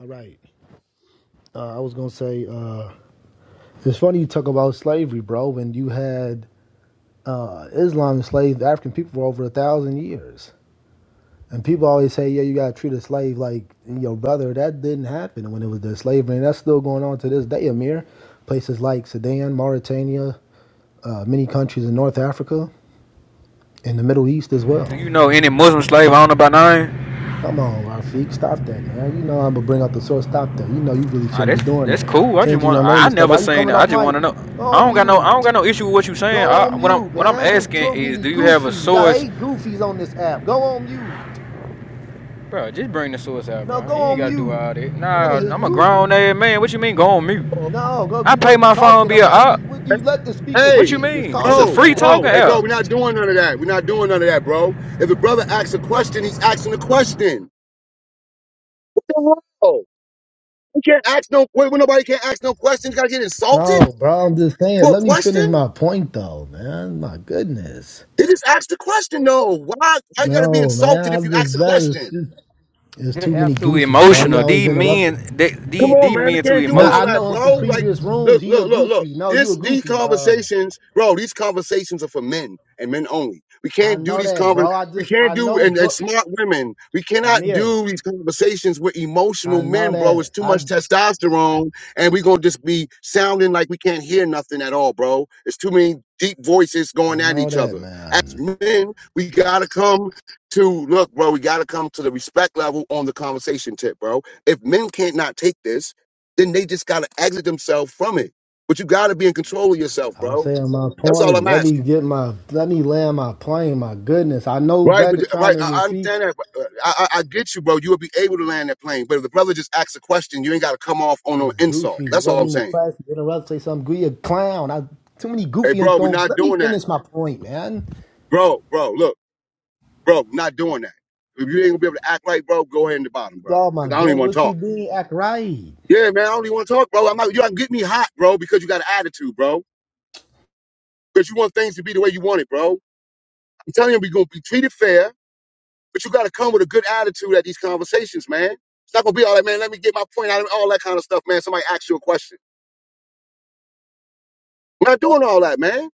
S5: All right. Uh, I was going to say, uh, it's funny you talk about slavery, bro, when you had uh, Islam enslaved African people for over a thousand years. And people always say, yeah, you got to treat a slave like your brother. That didn't happen when it was the slavery. And that's still going on to this day, Amir. Places like Sudan, Mauritania, uh, many countries in North Africa, and the Middle East as
S3: Do
S5: well.
S3: you know any Muslim slave I don't know by name?
S5: Come on, Rafiq, stop that, man. You know I'm going to bring out the source. Stop that. You know you really
S3: Ah,
S5: shouldn't be
S3: that's
S5: doing
S3: that's
S5: that.
S3: cool. I just
S5: Changing
S3: want
S5: your name
S3: I, I
S5: and stuff.
S3: never
S5: Why you
S3: seen it.
S5: coming
S3: I
S5: off
S3: just
S5: mic?
S3: wanna know.
S5: Go
S3: I
S5: on
S3: don't got no I don't
S5: mute.
S3: got no issue with what you saying.
S5: Go
S3: I,
S5: on
S3: what I'm
S5: mute,
S3: what I'm
S5: man. There's
S3: asking
S5: too
S3: is
S5: many
S3: do you have a
S5: goofies. I
S3: source
S5: hate goofies on this app. Go on mute.
S3: Bro, just bring the suicide,
S5: No,
S3: bro.
S5: go
S3: You ain't
S5: on
S3: gotta do
S5: mute.
S3: all
S5: I
S3: that.
S5: don't want to
S3: Nah,
S5: hear
S3: I'm a
S5: you.
S3: grown ass man. What you mean go on mute?
S2: Oh,
S5: No, bro, if
S3: I
S5: you
S3: pay
S5: wasn't
S3: my phone
S5: talking, I'm
S3: bill
S5: not.
S3: up.
S5: You, would you let the speaker
S3: What
S2: Hey,
S3: you
S5: speak? It's
S3: mean? It's
S5: called
S3: a
S2: bro,
S3: free
S5: respect.
S3: talking
S2: bro, hey, bro.
S3: app.
S2: We're not doing none of that. We're not doing none of that, bro. If the brother asks a question, he's asking a question. What the hell? You can't ask no. Wait, when nobody can't ask no questions, you gotta get insulted
S5: No, bro, I'm just saying.
S2: for a
S5: Let me finish
S2: question.
S5: my point, though, man. My goodness.
S2: He just asked the question, though. Why? Why you gotta be
S5: No, man,
S2: insulted
S5: I
S2: if you ask
S5: just
S2: a
S5: that
S2: question?
S5: is it's
S3: That
S5: too many
S3: app too
S5: goofies, bro. You
S3: emotional.
S5: always
S3: These
S5: interrupting me.
S3: men, they,
S2: Come
S3: these,
S2: on,
S3: these
S2: man. We
S3: men too
S2: can't do
S5: Nah,
S2: all
S5: I
S3: emotional.
S2: that,
S5: know him from
S2: bro. Like,
S5: previous rooms.
S2: look,
S5: He a
S2: look, look, look.
S5: goofy. No, you a
S2: This, these
S5: goofy. Um,
S2: conversations, bro. These conversations are for men and men only. We
S5: I
S2: can't do
S5: know
S2: these
S5: that,
S2: conver.
S5: bro. I
S2: We
S5: just
S2: can't
S5: I
S2: do
S5: know,
S2: and, and
S5: but
S2: smart women. We cannot
S5: Amir,
S2: do these conversations with emotional
S5: I know
S2: men, bro.
S5: that.
S2: It's too
S5: I
S2: much testosterone, and we gonna just be sounding like we can't hear nothing at all, bro. It's too many deep voices
S5: I
S2: going at
S5: know
S2: each
S5: that,
S2: other. As
S5: man.
S2: men, we gotta come to look, bro. We gotta come to the respect level on the conversation tip, bro. If men can't not take this, then they just gotta exit themselves from it. But you gotta be in control of yourself,
S5: I'm
S2: bro.
S5: saying my
S2: That's all
S5: point.
S2: I'm
S5: Let me
S2: asking.
S5: get my let me land my plane. My goodness, I know
S2: Right, but right,
S5: Begatron and
S2: I I
S5: Rafik
S2: understand that. But uh, I, I I get you, bro. You will be able to land that plane, but if the brother just asks a question, you ain't got to come off on no
S5: is
S2: insult.
S5: goofy. You're
S2: That's all I'm
S5: running the
S2: saying.
S5: class, you interrupt, say something. You're a clown. I too many
S2: Hey,
S5: goofy and
S2: bro, we're
S5: don't
S2: not
S5: let me
S2: doing that,
S5: finish my point, man.
S2: bro. Bro, look, bro, we're not doing that. If you ain't gonna be able to act right, bro, go ahead in the bottom, bro.
S5: Oh
S2: Cause
S5: my
S2: I don't even
S5: god,
S2: want to
S5: what you
S2: talk.
S5: mean? Act right.
S2: Yeah, man, I don't even want to talk, bro. I'm not. You gotta get me hot, bro, because you got an attitude, bro. Because you want things to be the way you want it, bro. I'm telling you, we're gonna be treated fair, but you gotta come with a good attitude at these conversations, man. It's not gonna be all that, man. Let me get my point out and all that kind of stuff, man. Somebody ask you a question. We're not doing all that, man.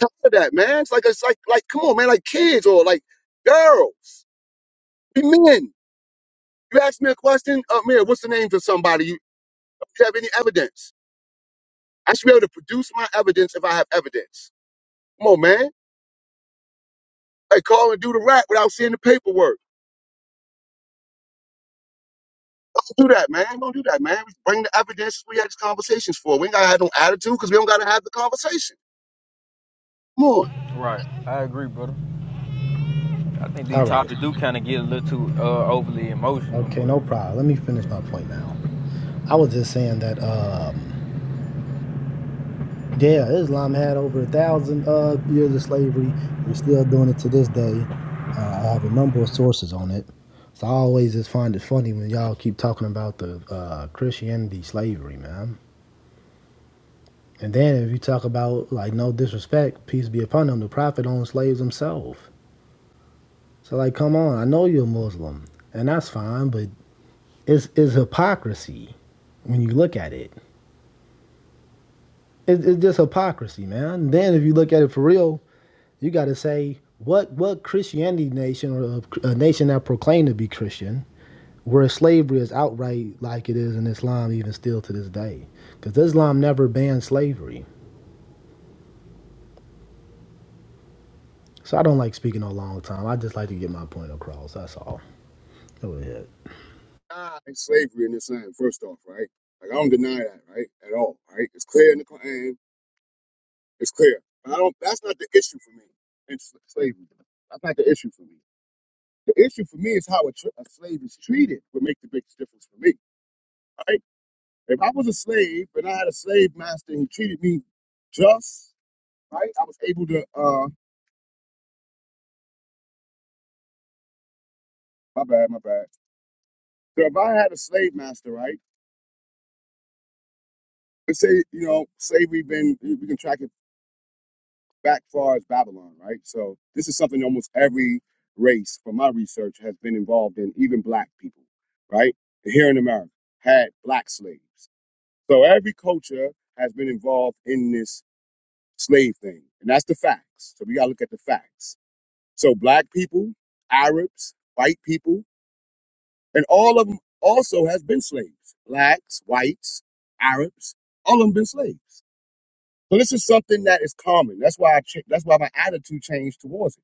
S2: Tired of that, man. It's like it's like like come on, man, like kids or like girls. We men. You ask me a question, uh, Mira, what's the name for somebody? You, do you have any evidence? I should be able to produce my evidence if I have evidence. Come on, man. Like call and do the rap without seeing the paperwork. do that, man. Don't do that, man. Bring the evidence we had these conversations for. We ain't gotta have no attitude because we don't gotta have the conversation. Come on.
S3: Right, I agree, brother. I think these
S5: All right.
S3: topics do kind of get a little too uh, overly emotional.
S5: Okay, no
S3: But
S5: problem. Let me finish my point now. I was just saying that. um Yeah, Islam had over a thousand uh, years of slavery. They're still doing it to this day. Uh, I have a number of sources on it. So I always just find it funny when y'all keep talking about the uh, Christianity slavery, man. And then if you talk about like no disrespect, peace be upon them, the prophet owned slaves himself. So like, come on, I know you're a Muslim, and that's fine, but it's it's hypocrisy when you look at it. It's, it's just hypocrisy, man. Then if you look at it for real, You got to say what what Christianity nation or a, a nation that proclaimed to be Christian, where slavery is outright like it is in Islam, even still to this day, because Islam never banned slavery. So I don't like speaking a long time. I just like to get my point across. That's all. Go ahead.
S2: deny slavery in this land, first off, right? Like I don't deny that, right, at all, right? It's clear in the Quran. It's clear. But I don't. That's not the issue for me. It's slavery. That's not the issue for me. The issue for me is how a, tr- a slave is treated would make the biggest difference for me, right? If I was a slave and I had a slave master and he treated me just right, I was able to. uh My bad, my bad. So if I had a slave master, right? Let's say, you know, slavery been we can track it back far as Babylon, right? So this is something almost every race, from my research, has been involved in, even black people, right? Here in America, had black slaves. So every culture has been involved in this slave thing. And that's the facts. So we gotta look at the facts. So black people, Arabs, white people, and all of them also has been slaves. Blacks, whites, Arabs, all of them been slaves. So this is something that is common. That's why I ch- that's why my attitude changed towards it.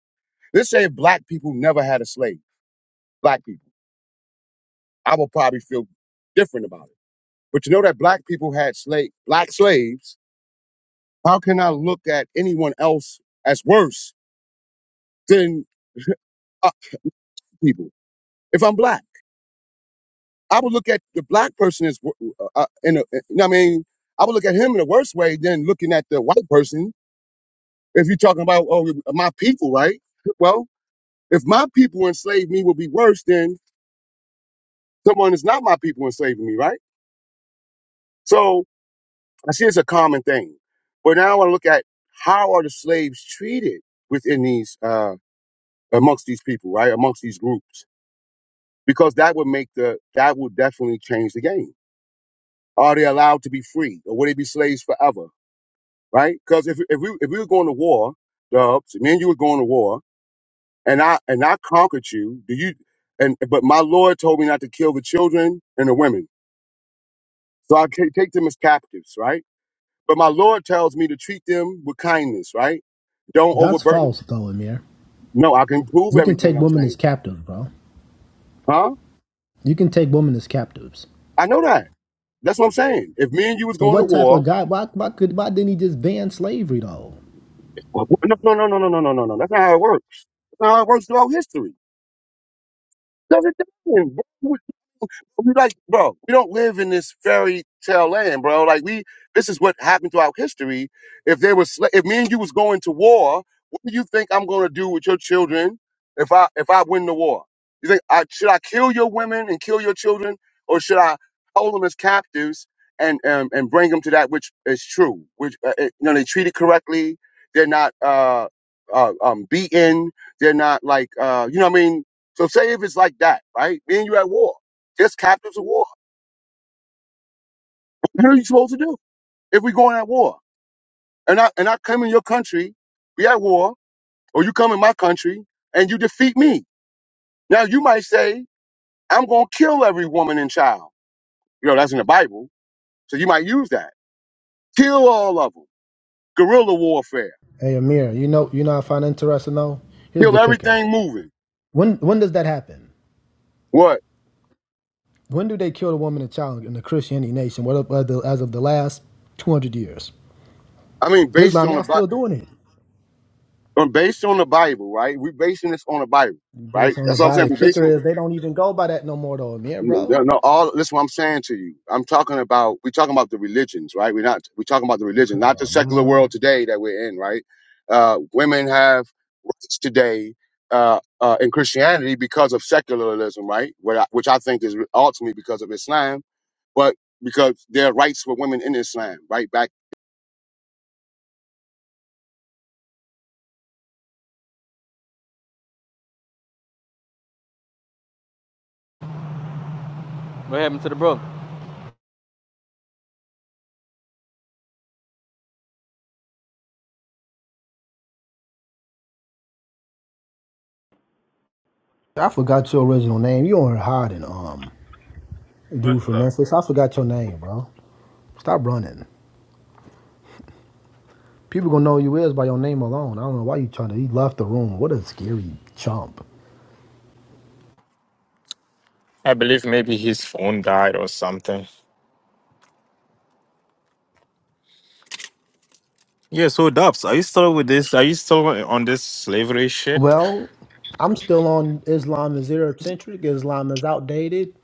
S2: Let's say if black people never had a slave, black people, I would probably feel different about it. But you know that black people had slave black slaves. How can I look at anyone else as worse than other people if I'm black? I would look at the black person as wo- uh, uh, in a, you know what I mean. I would look at him in a worse way than looking at the white person. If you're talking about oh my people, right? Well, if my people enslaved me, would be worse than someone is not my people enslaving me, right? So I see it's a common thing. But now I want to look at how are the slaves treated within these uh amongst these people, right? Amongst these groups. Because that would make the that would definitely change the game. Are they allowed to be free? Or will they be slaves forever? Right? Because if if we if we were going to war, Dubs, me and you were going to war, and I and I conquered you, do you and but my Lord told me not to kill the children and the women. So I ca- take them as captives, right? But my Lord tells me to treat them with kindness, right? Don't
S5: That's
S2: overburden.
S5: false, though, Amir.
S2: No, I can prove
S5: You can
S2: everything
S5: take
S2: I'm
S5: women as
S2: saying.
S5: captives, bro.
S2: Huh?
S5: You can take women as captives.
S2: I know that. That's what I'm saying. If me and you was
S5: So
S2: going to
S5: what type
S2: war,
S5: of God? Why, why could? Why didn't he just ban slavery though?
S2: no, no, no, no, no, no, no, no, no. That's not how it works. That's not how it works throughout history. Does it doesn't. we like, bro, we don't live in this fairy tale land, bro. Like we, this is what happened throughout history. If they was, sla- if me and you was going to war, what do you think I'm gonna do with your children if I if I win the war? You think I should I kill your women and kill your children, or should I hold them as captives and um, and bring them to that which is true, which uh, it- you know they treated correctly, they're not uh, uh um beaten, they're not like uh you know what I mean. So say if it's like that, right? Me and you at war just captives of war. What are you supposed to do if we're going at war? And I and I come in your country, we at war, or you come in my country and you defeat me. Now you might say, I'm gonna kill every woman and child. You know, that's in the Bible. So you might use that. Kill all of them. Guerrilla warfare.
S5: Hey, Amir. You know, you know, what I find interesting though. Here's
S2: Kill
S5: the kicker.
S2: everything moving.
S5: When when does that happen?
S2: What?
S5: When do they kill the woman and child in the Christianity nation? What up, uh, the, as of the last 200 years?
S2: I mean, based
S5: Islam,
S2: on the
S5: y'all
S2: Bi-
S5: still doing it.
S2: uh, based on the Bible, right? We're basing this on the Bible, right?
S5: Based on the
S2: That's what I'm saying.
S5: body. The
S2: We're
S5: kicker
S2: basing
S5: is they don't even go by that no more, though, Amir,
S2: No,
S5: bro.
S2: no, all that's what I'm saying to you. I'm talking about we're talking about the religions, right? We're not we're talking about the religion, not the
S5: Oh,
S2: secular
S5: man.
S2: world today that we're in, right? Uh, women have rights today uh, uh, in Christianity because of secularism, right? What I, which I think is ultimately because of Islam, but because there are rights for women in Islam, right? Back
S3: what happened to the brother?
S5: I forgot your original name. You were hiding, um,
S6: What's
S5: dude from
S6: up?
S5: Memphis. I forgot your name, bro. Stop running. People gonna know who you is by your name alone. I don't know why you trying to. He left the room. What a scary chump.
S6: I believe maybe his phone died or something. Yeah, so Dubs, are you still with this? Are you still on this slavery shit?
S5: Well, I'm still on Islam is Eurocentric. Islam is outdated.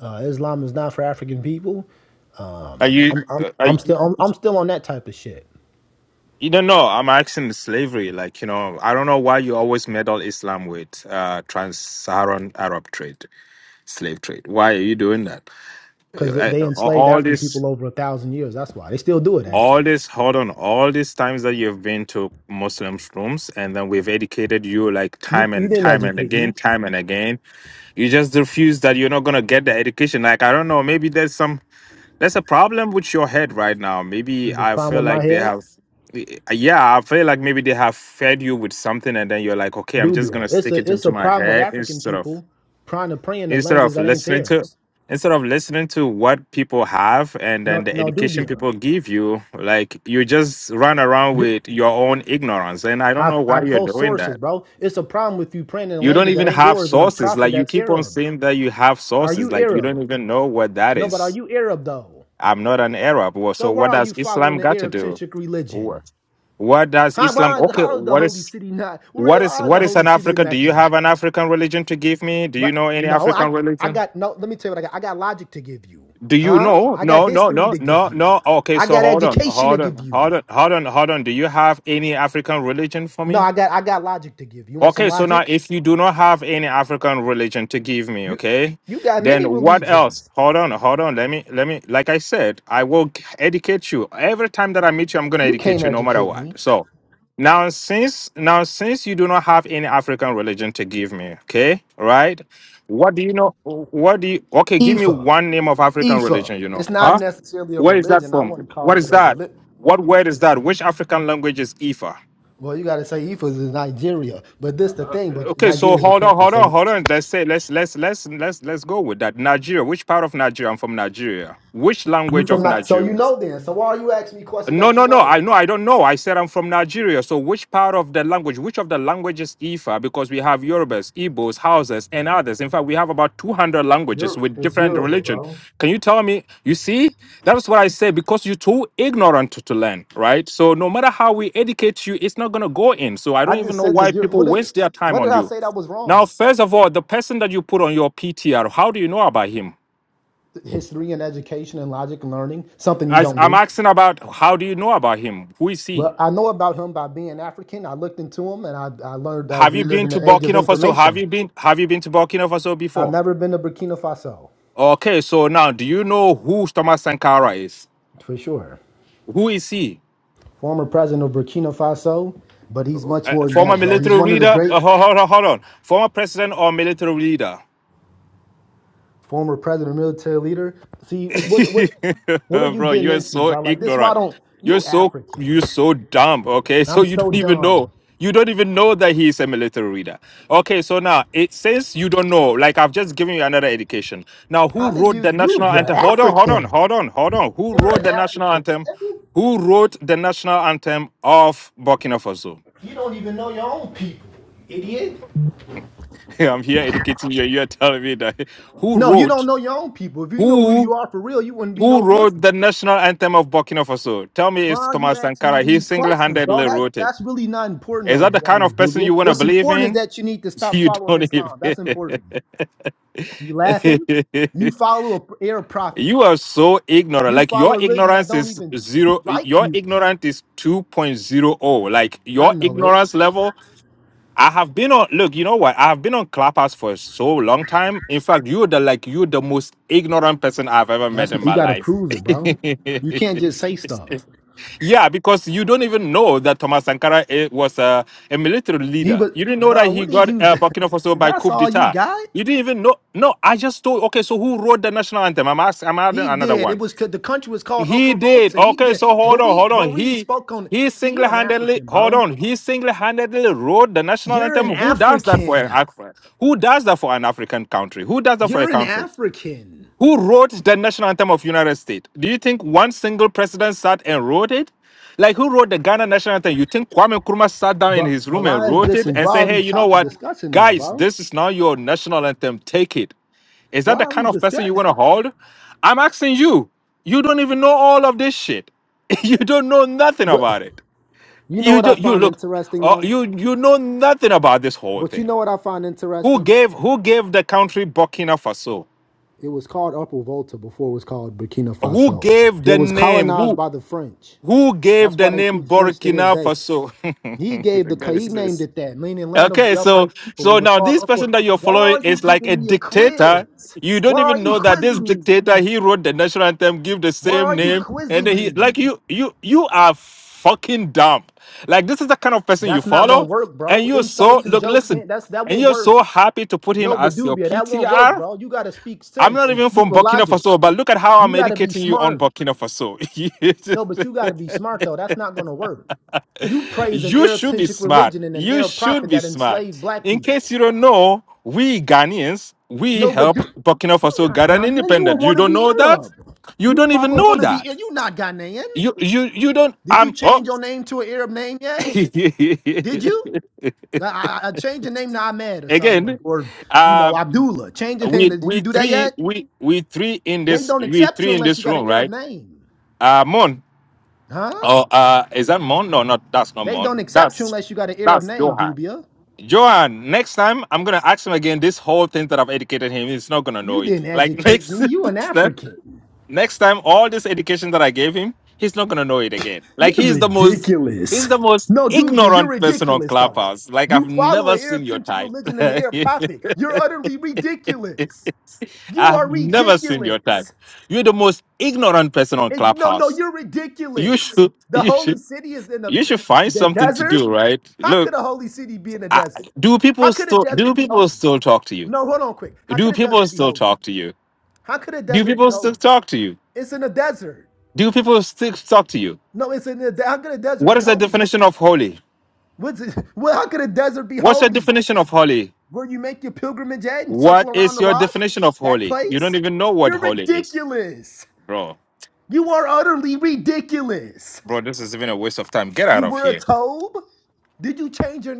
S5: Uh, Islam is not for African people.
S6: Are you?
S5: I'm I'm
S6: uh, Are
S5: I'm
S6: you?
S5: still I'm, I'm still on that type of shit
S6: You don't know. I'm asking the slavery. Like you know, I don't know why you always meddle Islam with uh, trans-Saharan Arab trade, slave trade. Why are you doing that?
S5: because
S6: Uh,
S5: they
S6: uh,
S5: enslaved
S6: All
S5: African
S6: this,
S5: people over a thousand years. That's why they still do it.
S6: all
S5: Actually,
S6: this. Hold on. All these times that you've been to Muslim rooms, and then we've educated you like
S5: you,
S6: time
S5: you
S6: and
S5: didn't
S6: time and
S5: educate me.
S6: again, time and again You just refuse that you're not gonna get the education. Like I don't know, maybe there's some there's a problem with your head right now. Maybe
S5: There's a
S6: I
S5: problem
S6: feel
S5: with my
S6: like they
S5: head.
S6: have yeah, I feel like maybe they have fed you with something and then you're like, okay, I'm just
S5: Dubia.
S6: gonna
S5: It's
S6: stick it
S5: a it's
S6: into
S5: a
S6: my
S5: problem with
S6: head
S5: African
S6: instead of
S5: people trying to pray in a
S6: instead
S5: language
S6: of
S5: that ain't
S6: listening to
S5: theirs.
S6: instead of listening to what people have and
S5: No
S6: then the
S5: no
S6: education
S5: dubia.
S6: people give you, like you just run around
S5: Du-
S6: with your own ignorance. And I don't
S5: I
S6: know
S5: I
S6: why you're
S5: post
S6: doing
S5: sources,
S6: that.
S5: bro. It's a problem with you praying in a
S6: You don't
S5: language that
S6: even
S5: ain't
S6: have
S5: yours and a
S6: sources.
S5: prophet
S6: Like you
S5: that's
S6: keep on
S5: Arab.
S6: saying that you have
S5: Are
S6: sources.
S5: you
S6: Like you don't
S5: Arab?
S6: even know what that
S5: No, but are
S6: is.
S5: you Arab though?
S6: I'm not an Arab. Well,
S5: So
S6: So
S5: where
S6: what
S5: are you
S6: does
S5: following
S6: Islam
S5: the
S6: got to
S5: Arab
S6: do?
S5: centric religion?
S6: What? What does
S5: How,
S6: Islam?
S5: why is,
S6: Okay,
S5: how is the
S6: what
S5: holy
S6: is
S5: city not? Where,
S6: what is
S5: why is the
S6: what is
S5: holy
S6: an
S5: city in
S6: Africa? Do you
S5: Mecca?
S6: have an African religion to give me? Do you
S5: What?
S6: know any
S5: No, I
S6: African
S5: I
S6: religion?
S5: got no. Let me tell you what I got. I got logic to give you,
S6: Do you
S5: huh?
S6: know?
S5: I got
S6: No, no,
S5: history
S6: no,
S5: to give
S6: no,
S5: you.
S6: no. Okay,
S5: I
S6: so
S5: got
S6: hold on,
S5: education to
S6: hold
S5: give
S6: on,
S5: you.
S6: hold on, hold on, hold on. Do you have any African religion for
S5: No,
S6: me?
S5: I got I got logic to give you. You want some
S6: Okay, so now
S5: logic?
S6: if you do not have any African religion to give me,
S5: You
S6: okay,
S5: you got many
S6: then what else?
S5: religions.
S6: Hold on, hold on. Let me, let me, like I said, I will g- educate you. Every time that I meet you, I'm going to
S5: You
S6: educate
S5: can't
S6: you no matter
S5: educate
S6: what.
S5: me.
S6: So now, since, now, since you do not have any African religion to give me, okay, right? What do you know? What do you, okay, give me
S5: Ifa
S6: one name of African
S5: Ifa.
S6: religion, you know,
S5: It's
S6: huh?
S5: not necessarily a
S6: Where is that
S5: religion. I
S6: from?
S5: wouldn't
S6: What
S5: call it
S6: is
S5: a
S6: that?
S5: religion.
S6: What word is that? Which African language is Ifa?
S5: Well, you got to say Ifa is Nigeria, but this the thing. But
S6: Okay, so
S5: Nigeria is a
S6: hold on,
S5: country,
S6: hold on,
S5: so
S6: hold on. Let's say let's let's let's let's let's go with that. Nigeria. Which part of Nigeria? I'm from Nigeria. Which
S5: You
S6: language of
S5: from not so you
S6: Nigeria?
S5: know then. So why are you asking me questions
S6: No,
S5: that you
S6: no, no.
S5: know?
S6: I know. I don't know. I said I'm from Nigeria. So which part of the language, which of the languages Ifa? Because we have Yorubas, Igbos, Hausas, and others. In fact, we have about 200 languages
S5: You're
S6: with
S5: it's
S6: different
S5: Yoruba,
S6: religion.
S5: bro.
S6: Can you tell me? You see, that's what I say. Because you're too ignorant to, to learn, right? So no matter how we educate you, it's not gonna go in. So I don't
S5: I
S6: even
S5: just
S6: know
S5: said the
S6: why
S5: Yor- what
S6: people
S5: did
S6: waste their time
S5: what
S6: on
S5: did I
S6: you.
S5: say that was
S6: Now,
S5: wrong?
S6: first of all, the person that you put on your PTR, how do you know about him?
S5: History and education and logic and learning, something you
S6: As
S5: don't
S6: I'm
S5: do.
S6: asking about how do you know about him? Who is he?
S5: Well, I know about him by being African. I looked into him and I, I learned that
S6: Have
S5: we
S6: you
S5: live
S6: been
S5: in
S6: to
S5: the age of
S6: Burkina Faso? Have
S5: information.
S6: you been Have you been to Burkina Faso
S5: I've
S6: before?
S5: never been to Burkina Faso,
S6: Okay, so now do you know who Thomas Sankara is?
S5: for sure.
S6: Who is he?
S5: Former president of Burkina Faso, but he's much
S6: Uh,
S5: more than
S6: former
S5: that, bro.
S6: military
S5: He's one of the
S6: leader?
S5: great
S6: Uh, hold, hold, hold on. Former president or military leader?
S5: former president, military leader. See, what what
S6: (laughs)
S5: what are you
S6: Bro,
S5: getting
S6: you're
S5: into,
S6: so
S5: bro? Like this, why
S6: ignorant.
S5: don't
S6: You're
S5: you
S6: so
S5: African?
S6: you're so dumb. Okay, (laughs) so
S5: I'm
S6: you
S5: so
S6: don't even know.
S5: dumb.
S6: You don't even know that he's a military reader. Okay, so now it says you don't know. Like I've just given you another education. Now, who
S5: How did
S6: wrote
S5: you
S6: the
S5: do?
S6: national
S5: You're
S6: anthem? Hold on, hold on,
S5: African.
S6: hold on, hold on. Who
S5: You're
S6: wrote
S5: an
S6: the national
S5: African,
S6: anthem?
S5: man.
S6: Who wrote the national anthem of Burkina Faso?
S5: You don't even know your own people, you idiot.
S6: (laughs) I'm here educating you. You're telling me that who
S5: No, you don't
S6: wrote?
S5: know your own people. If you knew who
S6: Who?
S5: you are for real, you wouldn't be
S6: Who
S5: no
S6: wrote the
S5: Muslim.
S6: national anthem of Burkina Faso? Tell me
S5: Why
S6: it's
S5: are you
S6: Thomas
S5: asking me
S6: Sankara. He
S5: these
S6: single
S5: questions, bro?
S6: handedly
S5: That's
S6: wrote it.
S5: that's really not important,
S6: Is
S5: though.
S6: that
S5: To
S6: the
S5: Be
S6: kind of
S5: honest,
S6: person
S5: Dubia.
S6: you want to
S5: What's
S6: believe
S5: important is
S6: in?
S5: that you need to
S6: (laughs)
S5: stop
S6: You
S5: following
S6: don't even.
S5: Islam. That's important. You laughing? You follow a p- air
S6: (laughs)
S5: prophet.
S6: you are so ignorant.
S5: You
S6: Like your
S5: follow a religion that
S6: ignorance
S5: don't
S6: is
S5: even (laughs)
S6: zero.
S5: like
S6: Your
S5: you.
S6: ignorance is 2.0. Like
S5: I
S6: your
S5: know it.
S6: ignorance level I have been on. Look, you know what? I have been on Clubhouse for so long time. In fact, you're the like you're the most ignorant person I've ever met
S5: That's
S6: in
S5: you
S6: my
S5: got to
S6: life.
S5: prove it,
S6: (laughs)
S5: bro. You can't just say stuff.
S6: yeah, because you don't even know that Thomas Sankara eh, was a, a military
S5: He
S6: leader.
S5: was,
S6: You didn't know that
S5: bro.
S6: he
S5: What did
S6: got
S5: you?
S6: uh, Burkina
S5: (laughs)
S6: Faso by
S5: That's
S6: coup
S5: all you
S6: d'état.
S5: got.
S6: You didn't even know. No, I just told. Okay, so who wrote the national anthem? I'm asking. I'm adding
S5: He
S6: another
S5: did. It
S6: one.
S5: was the country was called
S6: He
S5: Upper
S6: did.
S5: Volta. He
S6: Okay,
S5: did,
S6: so hold
S5: but
S6: on,
S5: we,
S6: hold on.
S5: but we
S6: He
S5: spoke on.
S6: he
S5: See, you an
S6: single-handedly
S5: African,
S6: hold
S5: bro.
S6: on. He single-handedly wrote the national
S5: You're
S6: anthem.
S5: an
S6: Who does that for an
S5: African.
S6: Africa? Who does that for an African country? Who does that for a
S5: You're an
S6: country?
S5: African.
S6: Who wrote the national anthem of United States? Do you think one single president sat and wrote it? Like who wrote the Ghana national anthem? You think Kwame Nkrumah sat down in
S5: But
S6: his room and
S5: why is
S6: wrote
S5: this?
S6: it
S5: And
S6: and
S5: why are
S6: said, "Hey,
S5: we
S6: you know
S5: talking,
S6: what,
S5: discussing this,
S6: guys?
S5: bro?
S6: This is now your national anthem. Take it." Is that
S5: Why
S6: the
S5: are we
S6: kind of person you
S5: discussing?
S6: want to hold? I'm asking you. You don't even know all of this shit. (laughs) You don't know nothing
S5: What
S6: about it.
S5: you know?
S6: You
S5: What I
S6: do, you
S5: find
S6: look.
S5: interesting
S6: Oh,
S5: though
S6: you you know nothing about this whole
S5: But you
S6: thing.
S5: know what I find
S6: Who
S5: interesting?
S6: gave who gave the country Burkina Faso?
S5: It was called Upper Volta before it was called Burkina
S6: Who
S5: Faso.
S6: gave
S5: It
S6: the
S5: was
S6: name?
S5: colonized
S6: Who
S5: by the French.
S6: who gave
S5: That's
S6: the
S5: why they
S6: name
S5: speak French to
S6: Burkina
S5: this day.
S6: Faso?
S5: He
S6: (laughs)
S5: gave
S6: The
S5: the
S6: guy
S5: he
S6: is
S5: named it that, meaning land of
S6: Okay,
S5: the
S6: so
S5: upright people. It
S6: so
S5: was
S6: now
S5: called
S6: this
S5: Upper.
S6: person that you're
S5: Why
S6: following
S5: are you
S6: is like a
S5: giving me a
S6: dictator.
S5: quiz?
S6: You
S5: Why
S6: don't
S5: are
S6: even
S5: you
S6: know that this
S5: quizzing me?
S6: dictator he wrote the national anthem, give the
S5: Why
S6: same
S5: are you
S6: name, and
S5: quizzing
S6: then he
S5: me?
S6: like you you you are fucking dumb. Like this is the kind of person you
S5: That's not gonna
S6: follow,
S5: work,
S6: and
S5: bro.
S6: you're so
S5: Insults and
S6: look
S5: jokes,
S6: listen,
S5: ain't- that's that
S6: and
S5: won't
S6: you're
S5: work.
S6: so happy to put him
S5: No,
S6: as your
S5: Badubia, that won't work,
S6: PTR.
S5: bro. You gotta speak
S6: I'm
S5: sense
S6: not
S5: and
S6: even
S5: speak
S6: from
S5: with
S6: Burkina
S5: logic.
S6: Faso, but look at how
S5: You
S6: I'm
S5: gotta be
S6: educating you on
S5: smart.
S6: Burkina Faso.
S5: No, but you
S6: (laughs)
S5: got to be smart though. That's not going to work. You praise an
S6: You should be
S5: Arab-centric
S6: smart.
S5: religion and an
S6: You
S5: Arab
S6: should
S5: prophet
S6: be
S5: that
S6: smart.
S5: enslaved black
S6: In case
S5: people.
S6: you don't know, we Ghanaians, we
S5: No, but you,
S6: helped Burkina
S5: you're
S6: Faso
S5: not
S6: get an
S5: Ghanaian. You a
S6: independent. You don't
S5: wannabe
S6: know that?
S5: Arab.
S6: You
S5: You
S6: don't even
S5: follow a
S6: know
S5: wannabe
S6: that.
S5: Arab. You not Ghanaian.
S6: You you you don't
S5: Did you
S6: I'm
S5: change
S6: oh
S5: your name to an Arab name yet? Did you?
S6: (laughs)
S5: I, I I changed the name to Ahmed or something, or,
S6: again
S5: or, you know
S6: um
S5: Abdullah. Change your name.
S6: we
S5: Did you
S6: we
S5: do that
S6: three
S5: yet?
S6: we we three in
S5: They
S6: this
S5: don't
S6: we
S5: accept you
S6: three in
S5: unless
S6: this
S5: you got an
S6: room
S5: Arab
S6: right
S5: name,
S6: uh Mon
S5: huh?
S6: oh uh is that Mon no not that's not
S5: They don't
S6: Mon
S5: accept you
S6: that's
S5: unless you got an Arab
S6: that's
S5: name,
S6: Johan
S5: Dubia.
S6: Johan, next time I'm gonna ask him again. This whole thing that I've educated him, he's not gonna know
S5: You
S6: it.
S5: didn't
S6: Like (laughs)
S5: educate
S6: next
S5: me. You an
S6: next time,
S5: African.
S6: next time, all this education that I gave him, he's not gonna know it again. Like
S5: You're
S6: he's the most he's
S5: ridiculous.
S6: the most
S5: No, Dubia, you're
S6: ignorant person on
S5: ridiculous though.
S6: Clubhouse. Like I've
S5: You follow
S6: never
S5: an
S6: seen your
S5: Arab-centric
S6: type.
S5: religion
S6: (laughs)
S5: and an Arab prophet. You're utterly ridiculous. You
S6: I've
S5: are
S6: never seen your type.
S5: ridiculous.
S6: You're the most ignorant person on
S5: And no, no,
S6: Clubhouse.
S5: you're
S6: You
S5: ridiculous.
S6: should
S5: The
S6: you
S5: holy
S6: should
S5: city is in the
S6: you should find
S5: the
S6: something to do,
S5: desert.
S6: right?
S5: How
S6: Look,
S5: could a holy city be in a
S6: I,
S5: desert?
S6: do
S5: How
S6: people
S5: could a
S6: still do
S5: desert be
S6: people
S5: holy?
S6: still talk to you?
S5: No, hold on, quick. How
S6: Do
S5: could a
S6: people
S5: desert be
S6: still
S5: holy?
S6: talk to you?
S5: How could a
S6: Do
S5: desert be
S6: people still
S5: holy?
S6: talk to you?
S5: It's in a desert.
S6: Do people still talk to you?
S5: No, it's in a. How could a desert
S6: What
S5: be
S6: is the
S5: holy?
S6: definition of holy?
S5: What's it? (laughs) Well, how could a desert be
S6: What's your
S5: holy?
S6: definition of holy?
S5: Where you make your pilgrimage at and
S6: What
S5: circle around
S6: is
S5: the
S6: your
S5: rock?
S6: definition of
S5: That
S6: holy? You don't
S5: place?
S6: even know what
S5: You're
S6: holy is.
S5: ridiculous.
S6: Bro,
S5: You are utterly ridiculous.
S6: bro, this is even a waste of time. Get out
S5: You
S6: of
S5: were a
S6: here.
S5: tobe? Did you change your name?